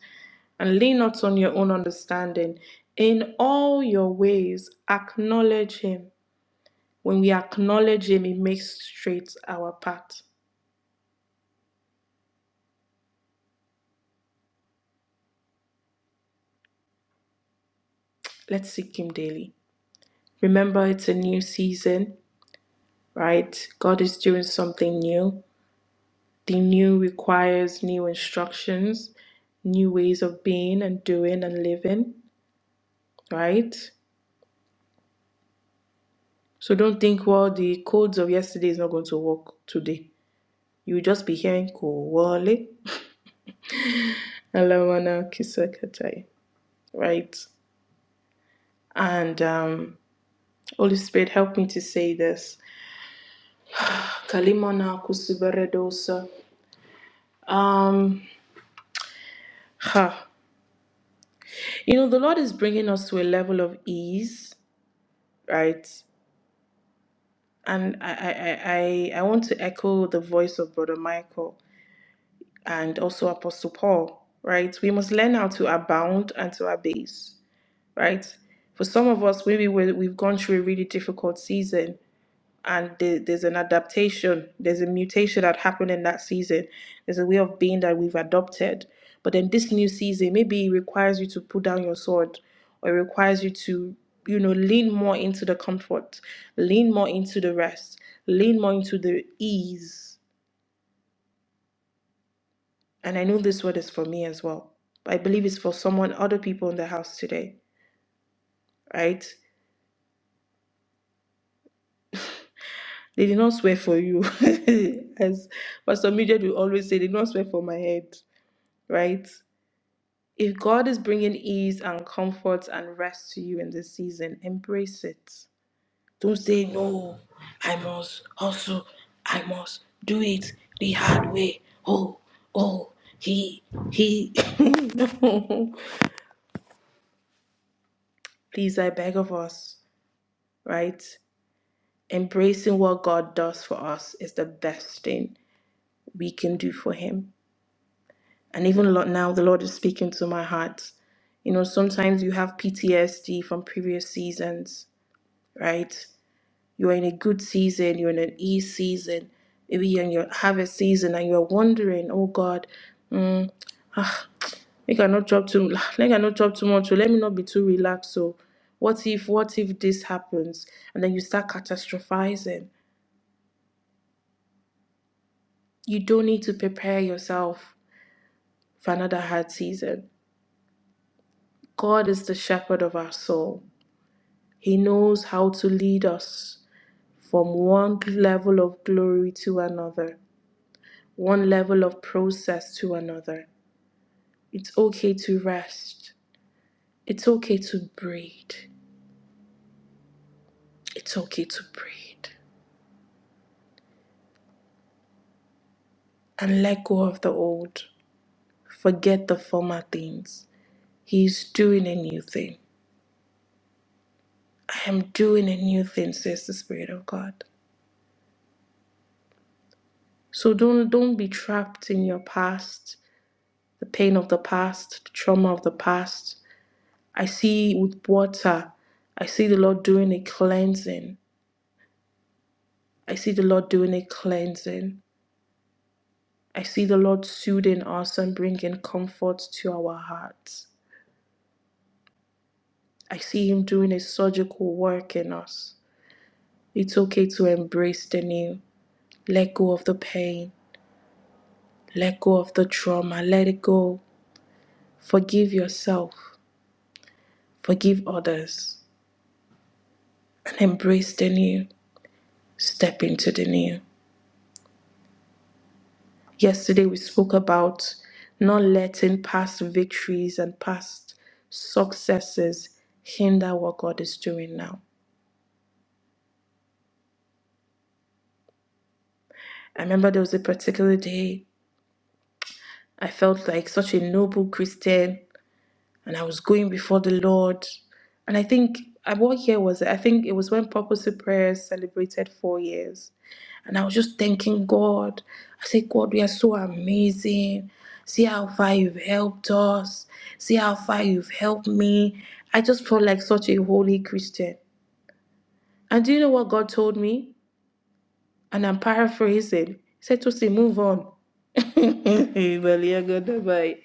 Speaker 2: and lean not on your own understanding. In all your ways, acknowledge Him. When we acknowledge Him, He makes straight our path. Let's seek Him daily. Remember, it's a new season, right? God is doing something new. The new requires new instructions, new ways of being and doing and living, right? So don't think, well, the codes of yesterday is not going to work today. You'll just be hearing Kowale. Alamana Kisakatai, right? And um, Holy Spirit, help me to say this. Kalimana Kusubaredosa. Um, ha. You know, the Lord is bringing us to a level of ease, right? And I, I, I, I want to echo the voice of Brother Michael and also Apostle Paul, right? We must learn how to abound and to abase, right? For some of us, maybe we we've gone through a really difficult season and there, there's an adaptation there's a mutation that happened in that season there's a way of being that we've adopted but then this new season maybe it requires you to put down your sword or it requires you to you know lean more into the comfort lean more into the rest lean more into the ease and i know this word is for me as well i believe it's for someone other people in the house today right they did not swear for you as pastor Midget will always say they did not swear for my head right If God is bringing ease and comfort and rest to you in this season, embrace it. Don't say, no, I must hustle, I must do it the hard way. Oh, oh, he, he. no. Please, I beg of us, right? Embracing what God does for us is the best thing we can do for Him. And even lo- now, the Lord is speaking to my heart. You know, sometimes you have PTSD from previous seasons right? You're in a good season, you're in an ease season, maybe you're in your harvest season, and you're wondering, oh God, mm, ah, make I not drop too, make I not drop too much, so let me not be too relaxed. So, what if, what if this happens? And then you start catastrophizing. You don't need to prepare yourself for another hard season. God is the shepherd of our soul. He knows how to lead us from one level of glory to another. one level of process to another. It's okay to rest. It's okay to breathe. It's okay to breathe and let go of the old. Forget the former things. He's doing a new thing. I am doing a new thing, says the Spirit of God. So don't don't be trapped in your past, the pain of the past, the trauma of the past. I see with water, I see the Lord doing a cleansing. I see the Lord doing a cleansing. I see the Lord soothing us and bringing comfort to our hearts. I see Him doing a surgical work in us. It's okay to embrace the new. Let go of the pain. Let go of the trauma. Let it go. Forgive yourself. Forgive others. And embrace the new. Step into the new. Yesterday we spoke about not letting past victories and past successes hinder what God is doing now. I remember there was a particular day I felt like such a noble Christian and I was going before the Lord. And I think, uh, what year was it? I think it was when Purposeful Prayers celebrated four years. And I was just thanking God. I said, God, we are so amazing. See how far you've helped us. See how far you've helped me. I just felt like such a holy Christian. And do you know what God told me? And I'm paraphrasing. He said, Tosi, move on. Baliagadabay.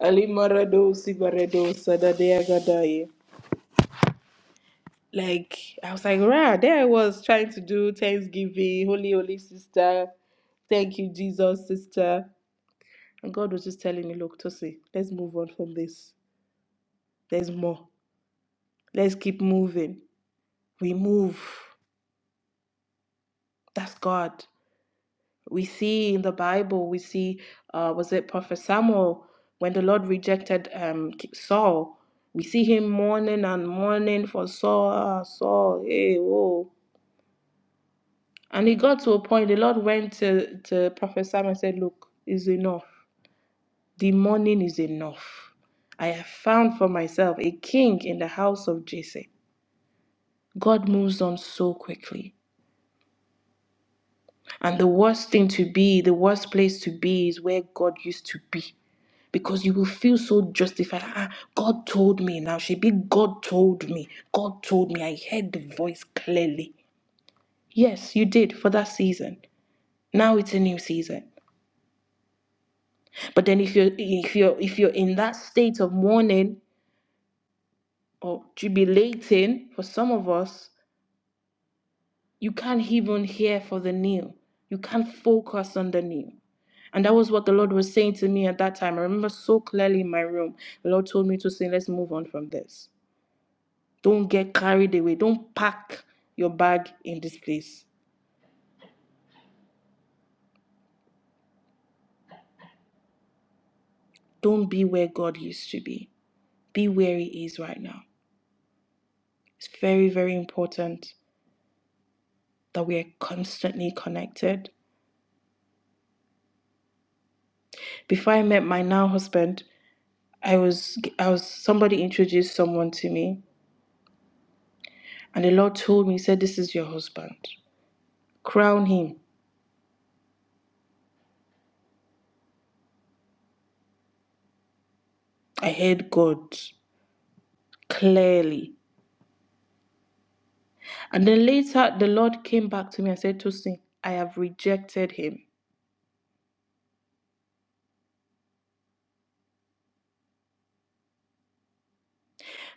Speaker 2: Ali Marado Sibarado Sadadeagadaye. Like I was like, rah, there I was trying to do Thanksgiving, holy holy sister, thank you, Jesus sister. And God was just telling me, look, Tosi, let's move on from this. There's more. Let's keep moving. We move. That's God. We see in the Bible, we see, uh, was it Prophet Samuel, when the Lord rejected um, Saul, we see him mourning and mourning for Saul, ah, Saul, hey, oh. And he got to a point, the Lord went to, to Prophet Samuel and said, Look, is enough. The mourning is enough. I have found for myself a king in the house of Jesse. God moves on so quickly. And the worst thing to be, the worst place to be is where God used to be. because you will feel so justified. Ah, God told me. Now she be God told me. God told me. I heard the voice clearly. Yes, you did for that season. Now it's a new season. But then if you're if you're if you're in that state of mourning or jubilating for some of us, you can't even hear for the new. You can't focus on the new. And that was what the Lord was saying to me at that time. I remember so clearly in my room. The Lord told me to say, let's move on from this. Don't get carried away. Don't pack your bag in this place. Don't be where God used to be. Be where He is right now. It's very, very important that we are constantly connected. Before I met my now husband, I was I was somebody introduced someone to me, and the Lord told me, He said, This is your husband. Crown him. I heard God clearly. And then later the Lord came back to me and said, Tosin, I have rejected him.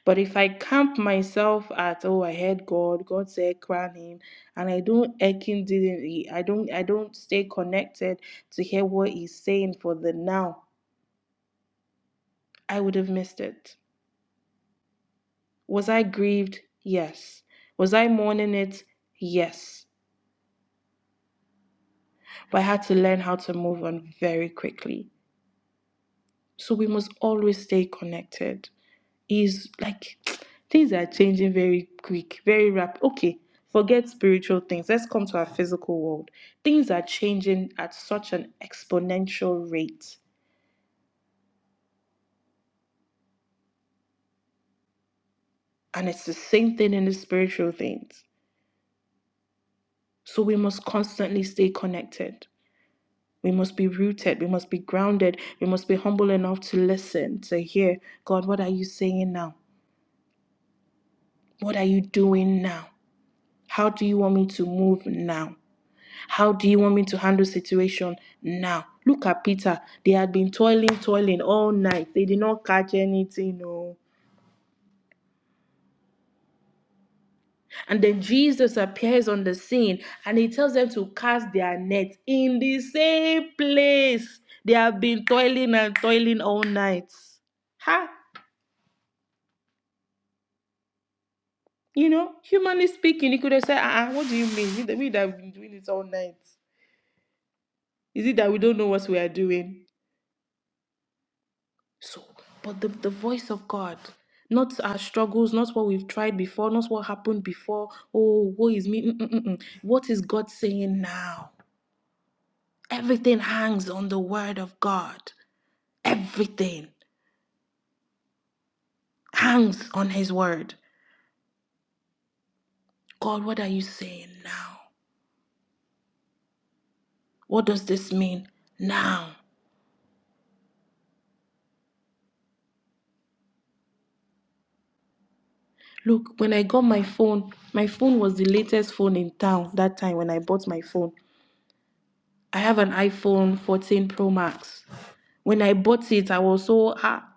Speaker 2: But if I camp myself at oh I heard God, God said crown him, and I don't ekin didn't I don't I don't stay connected to hear what he's saying for the now, I would have missed it. Was I grieved? Yes. Was I mourning it? Yes. But I had to learn how to move on very quickly. So we must always stay connected. is like things are changing very quick, very rapid. Okay, forget spiritual things. Let's come to our physical world. Things are changing at such an exponential rate, and it's the same thing in the spiritual things. So we must constantly stay connected. We must be rooted. We must be grounded. We must be humble enough to listen, to hear God, what are you saying now? What are you doing now? How do you want me to move now? How do you want me to handle situation now? Look at Peter. They had been toiling, toiling all night. They did not catch anything. No. And then Jesus appears on the scene and he tells them to cast their net in the same place. They have been toiling and toiling all night. Ha! You know, humanly speaking, he could have said, uh-uh, what do you mean? We that we have been doing this all night. Is it that we don't know what we are doing? So, but the, the voice of God, not our struggles, not what we've tried before, not what happened before. Oh, woe is me. Mm, mm, mm, mm. What is God saying now? Everything hangs on the word of God. Everything hangs on his word. God, what are you saying now? What does this mean now? Look, when I got my phone, my phone was the latest phone in town that time when I bought my phone. I have an iPhone 14 Pro Max. When I bought it, I was so ah.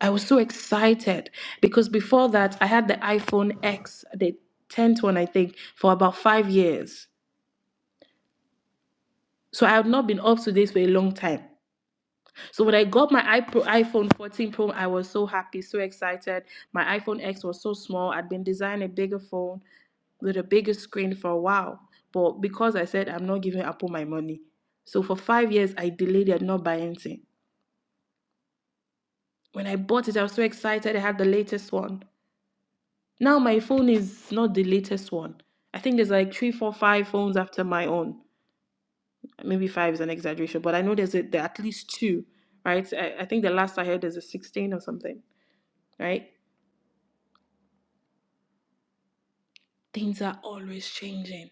Speaker 2: I was so excited because before that, I had the iPhone X, the 10th one, I think, for about five years. So I had not been up to date for a long time. So when I got my iPro- iPhone 14 Pro, I was so happy, so excited. My iPhone X was so small. I'd been designing a bigger phone with a bigger screen for a while. But because I said I'm not giving Apple my money. So for five years, I delayed it, not buying anything. When I bought it, I was so excited. I had the latest one. Now my phone is not the latest one. I think there's like three, four, five phones after my own. Maybe five is an exaggeration, but I know there's a, there are at least two, right? I, I think the last I heard is a 16 or something, right? Things are always changing.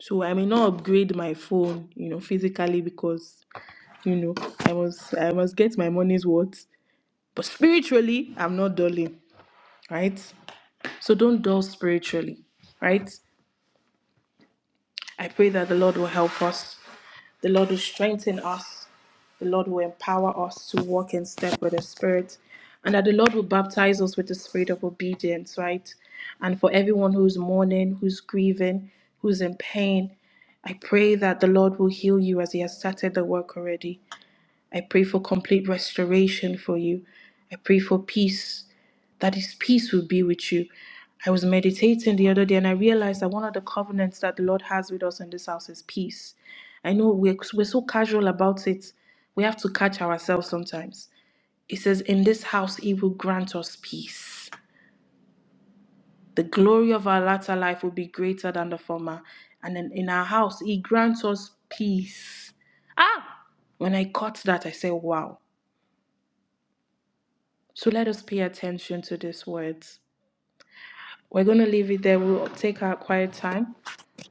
Speaker 2: So I may not upgrade my phone, you know, physically because, you know, I must I must get my money's worth. But spiritually, I'm not dulling, right? So don't dull spiritually, right? I pray that the Lord will help us The Lord will strengthen us. The Lord will empower us to walk in step with the Spirit. And that the Lord will baptize us with the spirit of obedience, right? And for everyone who's mourning, who's grieving, who's in pain, I pray that the Lord will heal you as He has started the work already. I pray for complete restoration for you. I pray for peace, that His peace will be with you. I was meditating the other day and I realized that one of the covenants that the Lord has with us in this house is peace. I know we're, we're so casual about it, we have to catch ourselves sometimes. It says, In this house, He will grant us peace. The glory of our latter life will be greater than the former. And then in our house, He grants us peace. When I caught that, I said, Wow. So let us pay attention to these words. We're going to leave it there. We'll take our quiet time.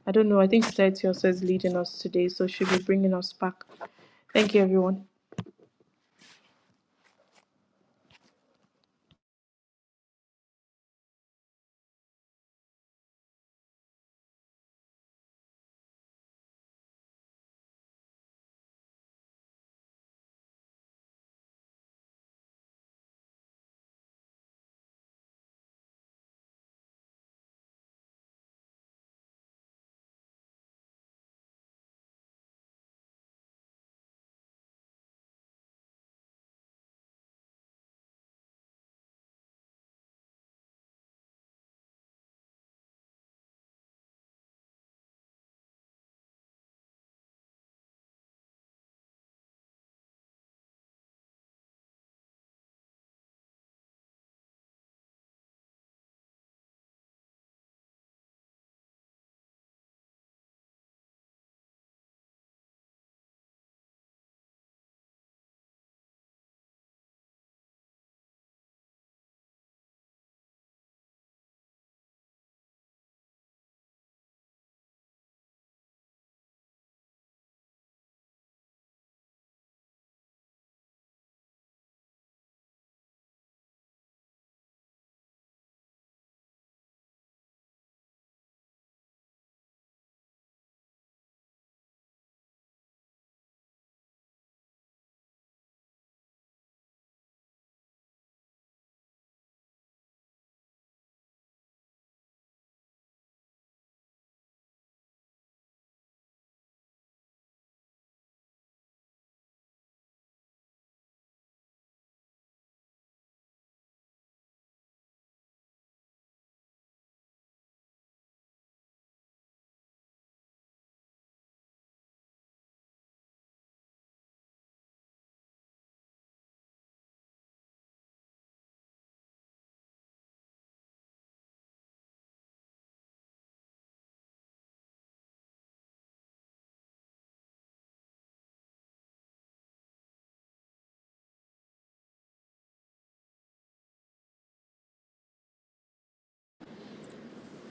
Speaker 2: I don't know. I think Seth also is leading us today, so she'll be bringing us back. Thank you, everyone.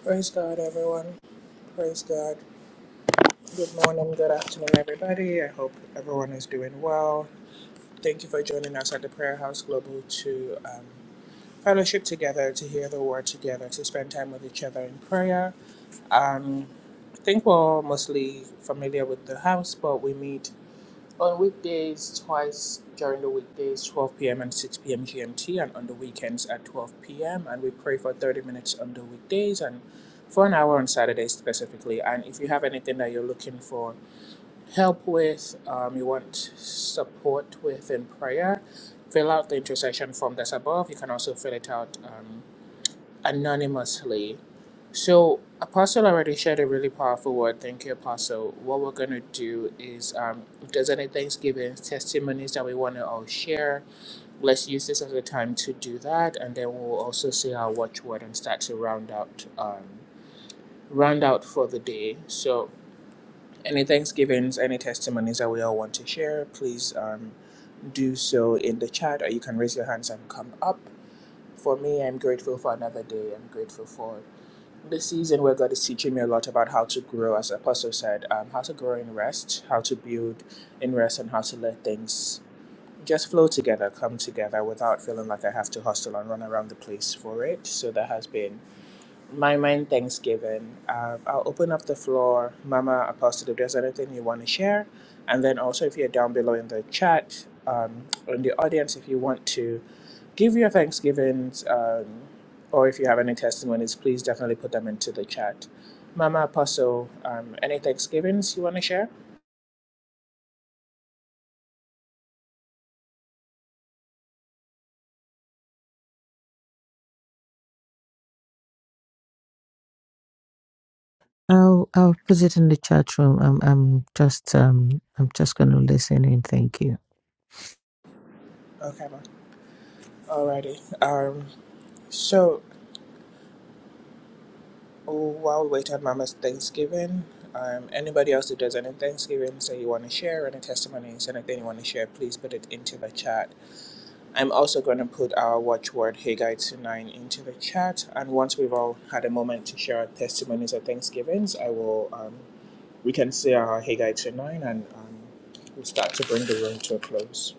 Speaker 1: Praise God, everyone. Praise God. Good morning, good afternoon, everybody. I hope everyone is doing well. Thank you for joining us at the Prayer House Global to um, fellowship together, to hear the word together, to spend time with each other in prayer. Um, I think we're all mostly familiar with the house, but we meet on weekdays twice during the weekdays, 12 p.m. and 6 p.m. GMT, and on the weekends at 12 p.m. And we pray for 30 minutes on the weekdays and for an hour on Saturdays specifically. And if you have anything that you're looking for, help with, um, you want support with in prayer, fill out the intercession form that's above. You can also fill it out um, anonymously. So, Apostle already shared a really powerful word. Thank you, Apostle. What we're going to do is um, if there's any Thanksgiving testimonies that we want to all share, let's use this as a time to do that. And then we'll also say our watchword and start to round out. Um, round out for the day. So any thanksgivings, any testimonies that we all want to share, please um, do so in the chat or you can raise your hands and come up. For me, I'm grateful for another day. I'm grateful for the season where God is teaching me a lot about how to grow, as Apostle said, um, how to grow in rest, how to build in rest, and how to let things just flow together, come together without feeling like I have to hustle and run around the place for it. So that has been my mind, Thanksgiving. Uh, I'll open up the floor, Mama Apostle, if there's anything you want to share. And then also, if you're down below in the chat, um, or in the audience, if you want to give your Thanksgivings, um, or if you have any testimonies, please definitely put them into the chat. Mama Apostle, um, any Thanksgivings you want to share?
Speaker 3: I'll I'll put it in the chat room. I'm I'm just um I'm just gonna listen in. Thank you.
Speaker 1: Okay, ma. Alrighty. Um, so Oh, while wait on Mama's Thanksgiving. Um, anybody else who does any Thanksgiving, say you want to share any testimonies, anything you want to share, please put it into the chat. I'm also going to put our watchword Haggai two 9 into the chat, and once we've all had a moment to share our testimonies or Thanksgivings, I will. Um, we can say our Haggai two 9 and um, we'll start to bring the room to a close.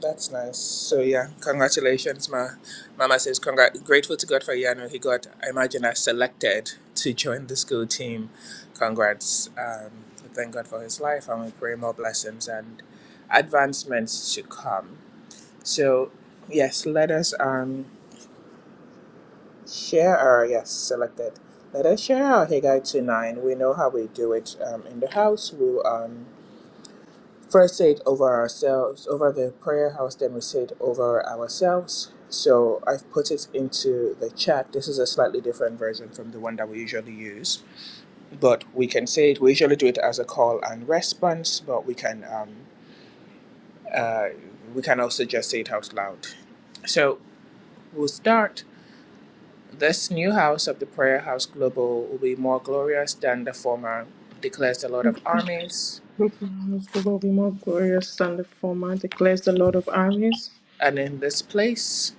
Speaker 1: That's nice. So yeah, congratulations, ma. Mama says, "Congrat, grateful to God for Yano. He got, I imagine, as selected to join the school team. Congrats. Um, we thank God for his life, and we pray more blessings and advancements to come. So yes, let us um share our yes selected. Let us share our Haggai two nine. We know how we do it um, in the house. We will um. First say it over ourselves, over the prayer house, then we say it over ourselves. So I've put it into the chat. This is a slightly different version from the one that we usually use, but we can say it. We usually do it as a call and response, but we can um, uh, we can also just say it out loud. So we'll start. This new house of the prayer house global will be more glorious than the former, declares the Lord of
Speaker 2: Hope
Speaker 1: armies.
Speaker 2: The will be more glorious than the former, declares the Lord of armies.
Speaker 1: And in this place,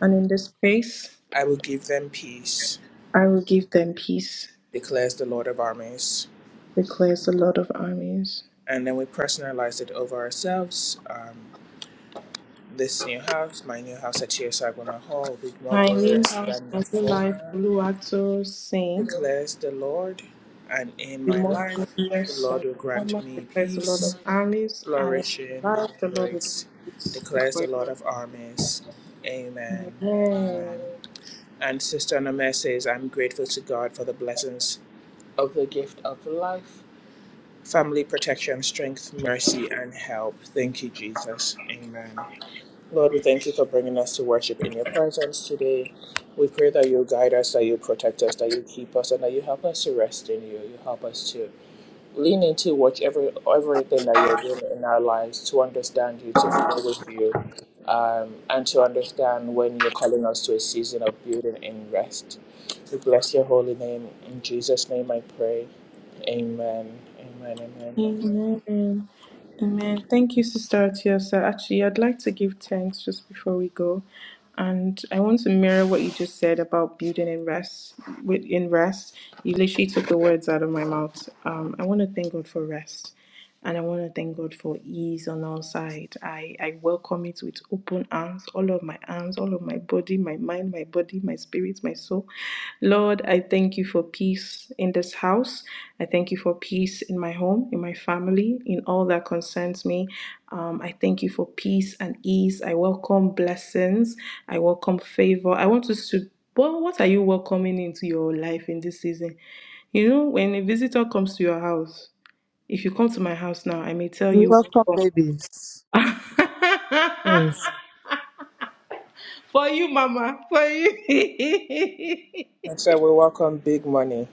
Speaker 2: And in this place,
Speaker 1: I will give them peace.
Speaker 2: I will give them peace,
Speaker 1: declares the Lord of armies.
Speaker 2: declares the Lord of armies.
Speaker 1: And then we personalize it over ourselves. Um, this new house, my new house at Chiosagwana Hall, will be more
Speaker 2: My name
Speaker 1: glorious
Speaker 2: is
Speaker 1: than the
Speaker 2: Life
Speaker 1: former,
Speaker 2: Oluwato saying,
Speaker 1: declares the Lord. And in
Speaker 2: We
Speaker 1: my
Speaker 2: must
Speaker 1: life,
Speaker 2: bless the most
Speaker 1: the
Speaker 2: glorious
Speaker 1: Lord
Speaker 2: and
Speaker 1: will grant
Speaker 2: former
Speaker 1: me
Speaker 2: bless the Lord
Speaker 1: peace,
Speaker 2: of armies and in
Speaker 1: flourishing,
Speaker 2: life the Lord will
Speaker 1: grace,
Speaker 2: give us this
Speaker 1: declares the
Speaker 2: way.
Speaker 1: Lord of armies. Amen. Amen.
Speaker 2: Amen.
Speaker 1: And Sister Aname says, I'm grateful to God for the blessings of the gift of life family protection, strength, mercy, and help. Thank you, Jesus. Amen. Lord, we thank you for bringing us to worship in your presence today. We pray that you guide us, that you protect us, that you keep us, and that you help us to rest in you. You help us to lean into whichever everything that you're doing in our lives, to understand you, to flow with you, um, and to understand when you're calling us to a season of building and rest. We bless your holy name. In Jesus' name I pray. Amen. Amen. Amen.
Speaker 2: Amen. Amen. Thank you, Sister Atiosa. Actually, I'd like to give thanks just before we go. And I want to mirror what you just said about building in rest. With in rest, you literally took the words out of my mouth. Um, I want to thank God for rest, and I want to thank God for ease on all sides. I I welcome it with open arms, all of my arms, all. of my body, my mind, my body, my spirit, my soul. Lord, I thank you for peace in this house. I thank you for peace in my home, in my family, in all that concerns me. Um, I thank you for peace and ease. I welcome blessings. I welcome favor. I want us to. Well, what are you welcoming into your life in this season? You know, when a visitor comes to your house, if you come to my house now, I may tell
Speaker 3: We
Speaker 2: you
Speaker 3: welcome
Speaker 2: welcome.
Speaker 3: babies, twins.
Speaker 2: for you, Mama. For you.
Speaker 1: And so we welcome big money.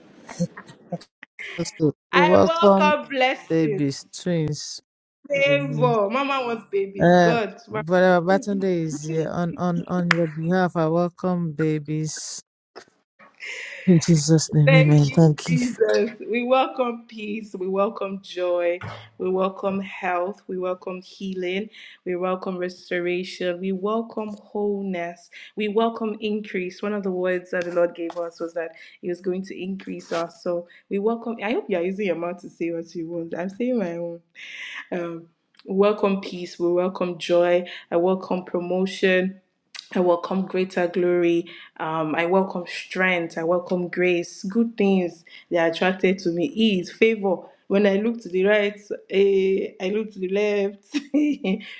Speaker 3: Also, we
Speaker 2: I
Speaker 3: welcome
Speaker 2: welcome blessings,
Speaker 3: babies, twins.
Speaker 2: favor. Mama wants babies.
Speaker 3: Uh,
Speaker 2: God, Mama,
Speaker 3: Brother Babatunde is here. On, on, on your behalf, I welcome babies. In Jesus' name,
Speaker 2: thank
Speaker 3: amen.
Speaker 2: you,
Speaker 3: Thank you.
Speaker 2: Jesus. We welcome peace. We welcome joy. We welcome health. We welcome healing. We welcome restoration. We welcome wholeness. We welcome increase. One of the words that the Lord gave us was that He was going to increase us. So we welcome. I hope you are using your mouth to say what you want. I'm saying my own. um, welcome peace, we welcome joy, I welcome promotion. I welcome greater glory. Um, I welcome strength. I welcome grace. Good things they are attracted to me. Ease, favor. When I look to the right, eh, I look to the left.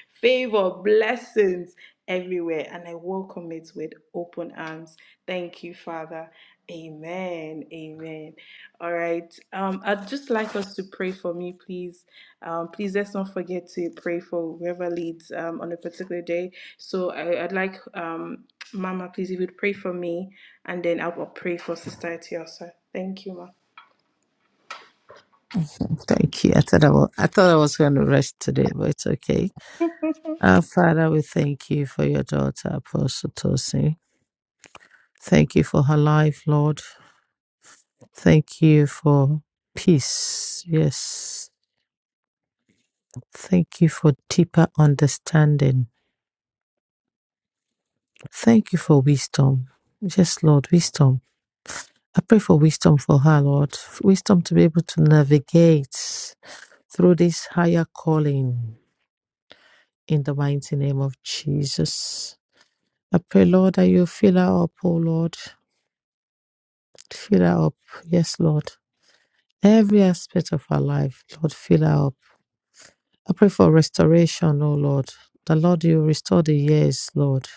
Speaker 2: favor, blessings everywhere, and I welcome it with open arms. Thank you, Father. Amen. Amen. All right. Um, I'd just like us to pray for me, please. Um, please let's not forget to pray for whoever leads um, on a particular day. So I, I'd like um, Mama, please, if you'd pray for me, and then I'll, I'll pray for Sister Eti Thank you, Ma.
Speaker 3: Thank you. I thought I was, I thought I was going to rest today, but it's okay. Our Father, we thank you for your daughter, Apostle Tosin. Thank you for her life, Lord. Thank you for peace. Yes. Thank you for deeper understanding. Thank you for wisdom. Yes, Lord, wisdom I pray for wisdom for her, Lord. Wisdom to be able to navigate through this higher calling in the mighty name of Jesus. I pray, Lord, that you fill her up, oh Lord. Fill her up. Yes, Lord. Every aspect of her life, Lord, fill her up. I pray for restoration, O Lord. The Lord, you restore the years, Lord.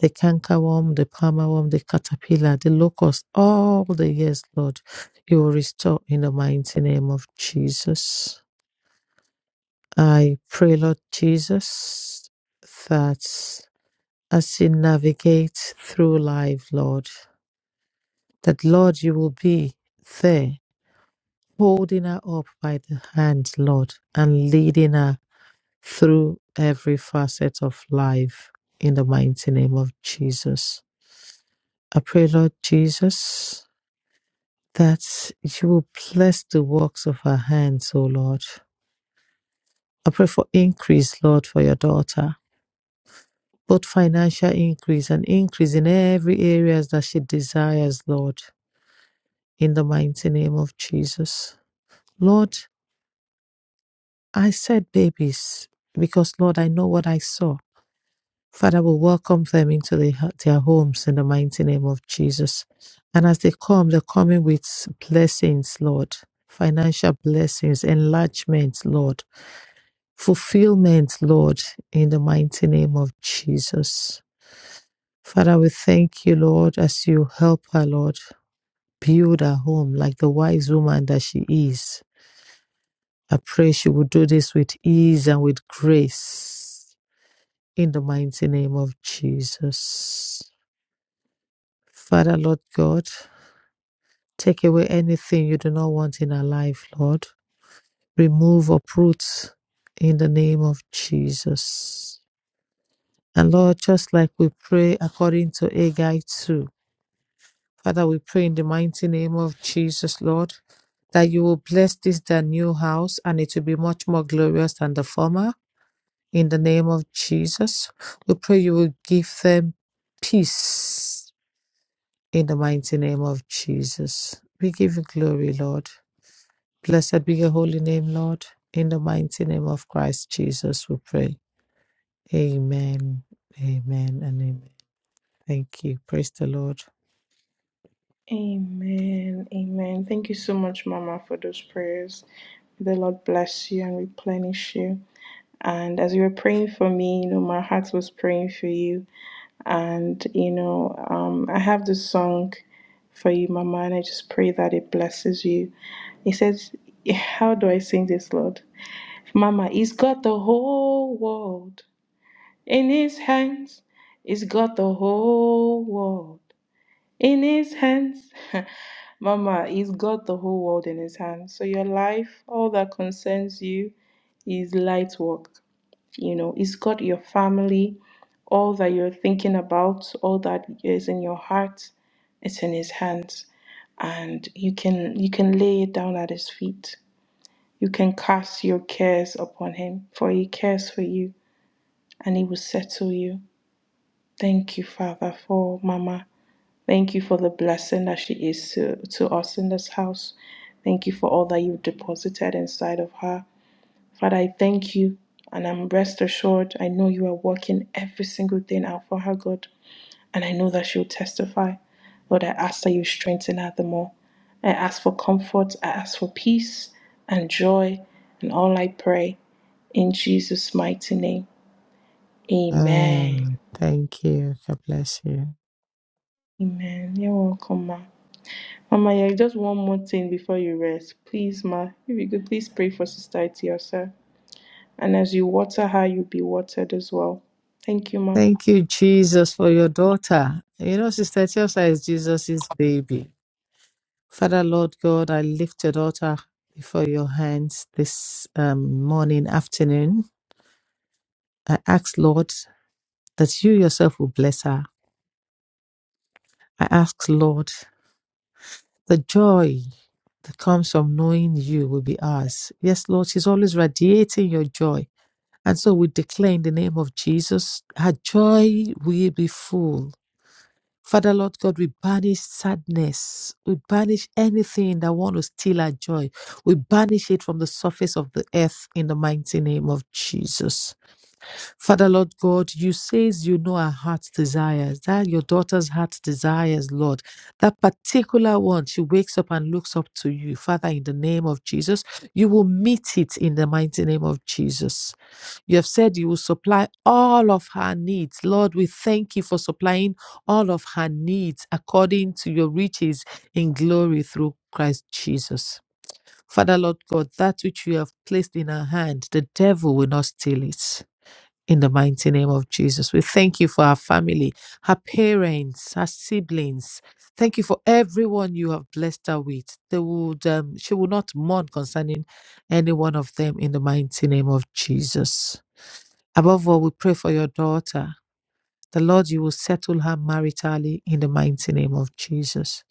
Speaker 3: The cankerworm, the palmerworm, the caterpillar, the locust, all the years, Lord, you will restore in the mighty name of Jesus. I pray, Lord Jesus, that as we navigate through life, Lord, that, Lord, you will be there holding her up by the hand, Lord, and leading her through every facet of life in the mighty name of Jesus. I pray, Lord Jesus, that you will bless the works of our hands, O Lord. I pray for increase, Lord, for your daughter, both financial increase and increase in every areas that she desires, Lord, in the mighty name of Jesus. Lord, I said babies because, Lord, I know what I saw. Father, we welcome them into the, their homes in the mighty name of Jesus. And as they come, they're coming with blessings, Lord, financial blessings, enlargement, Lord, fulfillment, Lord, in the mighty name of Jesus. Father, we thank you, Lord, as you help her, Lord, build her home like the wise woman that she is. I pray she will do this with ease and with grace in the mighty name of Jesus. Father, Lord God, take away anything you do not want in our life, Lord. Remove, uproot in the name of Jesus. And Lord, just like we pray according to Agai 2, Father, we pray in the mighty name of Jesus, Lord, that you will bless this, the new house, and it will be much more glorious than the former. In the name of Jesus, we pray you will give them peace in the mighty name of Jesus. We give you glory, Lord. Blessed be your holy name, Lord. In the mighty name of Christ Jesus, we pray. Amen. Amen and amen. Thank you. Praise the Lord.
Speaker 2: Amen. Amen. Thank you so much, Mama, for those prayers. May the Lord bless you and replenish you. And as you were praying for me, you know, my heart was praying for you. And, you know, um, I have this song for you, Mama, and I just pray that it blesses you. He says, How do I sing this, Lord? Mama, he's got the whole world in his hands. He's got the whole world in his hands. Mama, he's got the whole world in his hands. So your life, all that concerns you, is light work. You know, he's got your family, all that you're thinking about, all that is in your heart, it's in his hands. And you can you can lay it down at his feet you can cast your cares upon him, for he cares for you and he will settle you. Thank you, Father, for Mama. Thank you for the blessing that she is to, to us in this house. Thank you for all that you deposited inside of her. Father, I thank you and I'm rest assured. I know you are working every single thing out for her good, and I know that she'll testify. Lord, I ask that you strengthen her the more. I ask for comfort, I ask for peace and joy, and all I pray. In Jesus' mighty name. Amen.
Speaker 3: Amen. thank you. God bless you.
Speaker 2: Amen. You're welcome, Ma. Mama, yeah, just one more thing before you rest. Please, Ma, if you could please pray for Sister Itiosa. And as you water her, you'll be watered as well. Thank you, Ma.
Speaker 3: Thank you, Jesus, for your daughter. You know, Sister Chelsea is Jesus' baby. Father, Lord God, I lift your daughter before your hands this um, morning, afternoon. I ask, Lord, that you yourself will bless her. I ask, Lord, The joy that comes from knowing you will be ours. Yes, Lord, she's always radiating your joy. And so we declare in the name of Jesus, her joy will be full. Father, Lord God, we banish sadness. We banish anything that want to steal our joy. We banish it from the surface of the earth in the mighty name of Jesus. Father Lord God, you says you know our heart's desires, that your daughter's heart's desires, Lord. That particular one, she wakes up and looks up to you. Father, in the name of Jesus, you will meet it in the mighty name of Jesus. You have said you will supply all of her needs. Lord, we thank you for supplying all of her needs according to your riches in glory through Christ Jesus. Father, Lord God, that which you have placed in her hand, the devil will not steal it in the mighty name of Jesus. We thank you for our family, her parents, her siblings. Thank you for everyone you have blessed her with. They would, um, she will not mourn concerning any one of them in the mighty name of Jesus. Above all, we pray for your daughter. The Lord, you will settle her maritally in the mighty name of Jesus.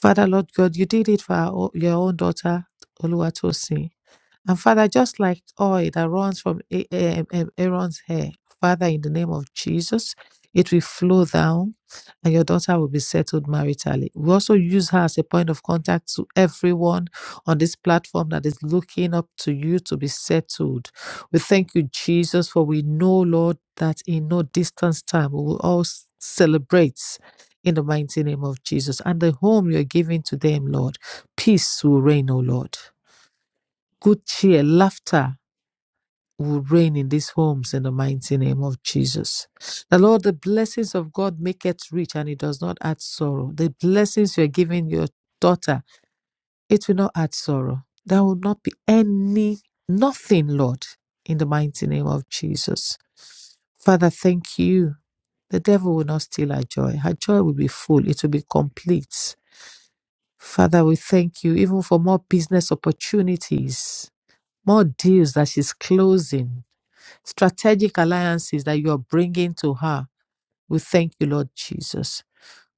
Speaker 3: Father, Lord God, you did it for our, o- your own daughter, Oluwatosin. And Father, just like oil that runs from A- um, um, Aaron's hair, Father, in the name of Jesus, it will flow down and your daughter will be settled maritally. We also use her as a point of contact to everyone on this platform that is looking up to you to be settled. We thank you, Jesus, for we know, Lord, that in no distance time we will all s- celebrate in the mighty name of Jesus. And the home you're giving to them, Lord, peace will reign, O Lord. Good cheer, laughter will reign in these homes in the mighty name of Jesus. The Lord, the blessings of God make it rich and it does not add sorrow. The blessings you're giving your daughter, it will not add sorrow. There will not be any, nothing, Lord, in the mighty name of Jesus. Father, thank you. The devil will not steal our joy. Her joy will be full, it will be complete. Father, we thank you even for more business opportunities more deals that she's closing, strategic alliances that you're bringing to her. We thank you, Lord Jesus.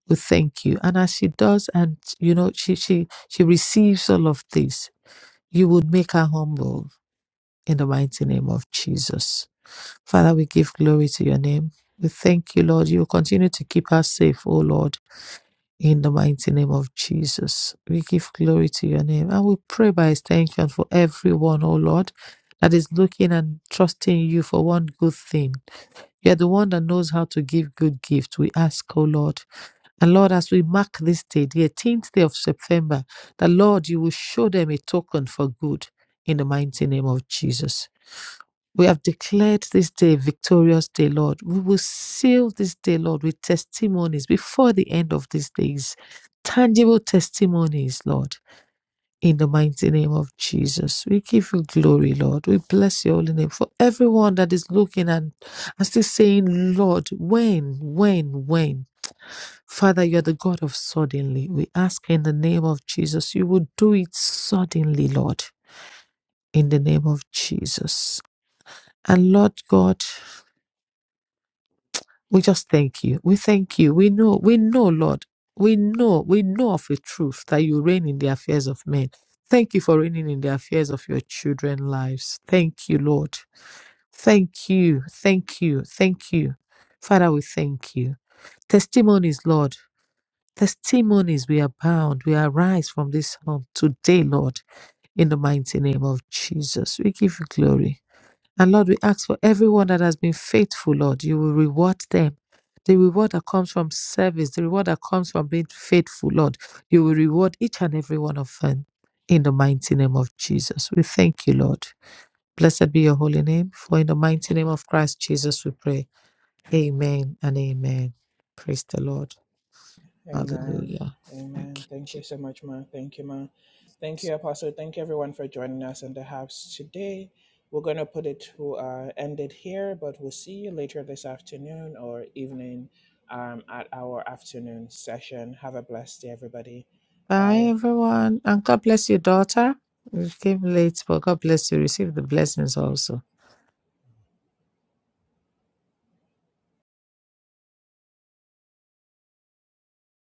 Speaker 3: We thank you. And as she does, and you know, she she she receives all of this, you would make her humble in the mighty name of Jesus. Father, we give glory to your name. We thank you, Lord. You will continue to keep her safe, O Lord. In the mighty name of Jesus, we give glory to your name and we pray by extension for everyone, oh Lord, that is looking and trusting you for one good thing. You are the one that knows how to give good gifts. We ask, oh Lord. And Lord, as we mark this day, the 18th day of September, that Lord, you will show them a token for good in the mighty name of Jesus. We have declared this day victorious day, Lord. We will seal this day, Lord, with testimonies before the end of these days. Tangible testimonies, Lord. In the mighty name of Jesus, we give you glory, Lord. We bless your holy name for everyone that is looking and, and still saying, Lord, when, when, when? Father, you're the God of suddenly. We ask in the name of Jesus, you will do it suddenly, Lord, in the name of Jesus. And Lord God, We just thank you. We thank you. We know, we know, Lord. We know, we know of a truth that you reign in the affairs of men. Thank you for reigning in the affairs of your children's lives. Thank you, Lord. Thank you. Thank you. Thank you. Father, we thank you. Testimonies, Lord. Testimonies, we abound. We arise from this home today, Lord, in the mighty name of Jesus. We give you glory. And Lord, we ask for everyone that has been faithful, Lord, you will reward them. The reward that comes from service, the reward that comes from being faithful, Lord, you will reward each and every one of them in the mighty name of Jesus. We thank you, Lord. Blessed be your holy name, for in the mighty name of Christ Jesus we pray. Amen and amen. Praise the Lord.
Speaker 1: Amen.
Speaker 3: Hallelujah. Thank
Speaker 1: Amen.
Speaker 3: you.
Speaker 1: Thank
Speaker 3: Jesus.
Speaker 1: you so much, ma. Thank you, ma. Thank you, Apostle. Thank you, everyone, for joining us in the house today. We're going to put it to uh, end it here, but we'll see you later this afternoon or evening um, at our afternoon session. Have a blessed day, everybody.
Speaker 3: Bye,
Speaker 1: Bye.
Speaker 3: everyone. And God bless your daughter. We came late, but God bless you. Receive the blessings also.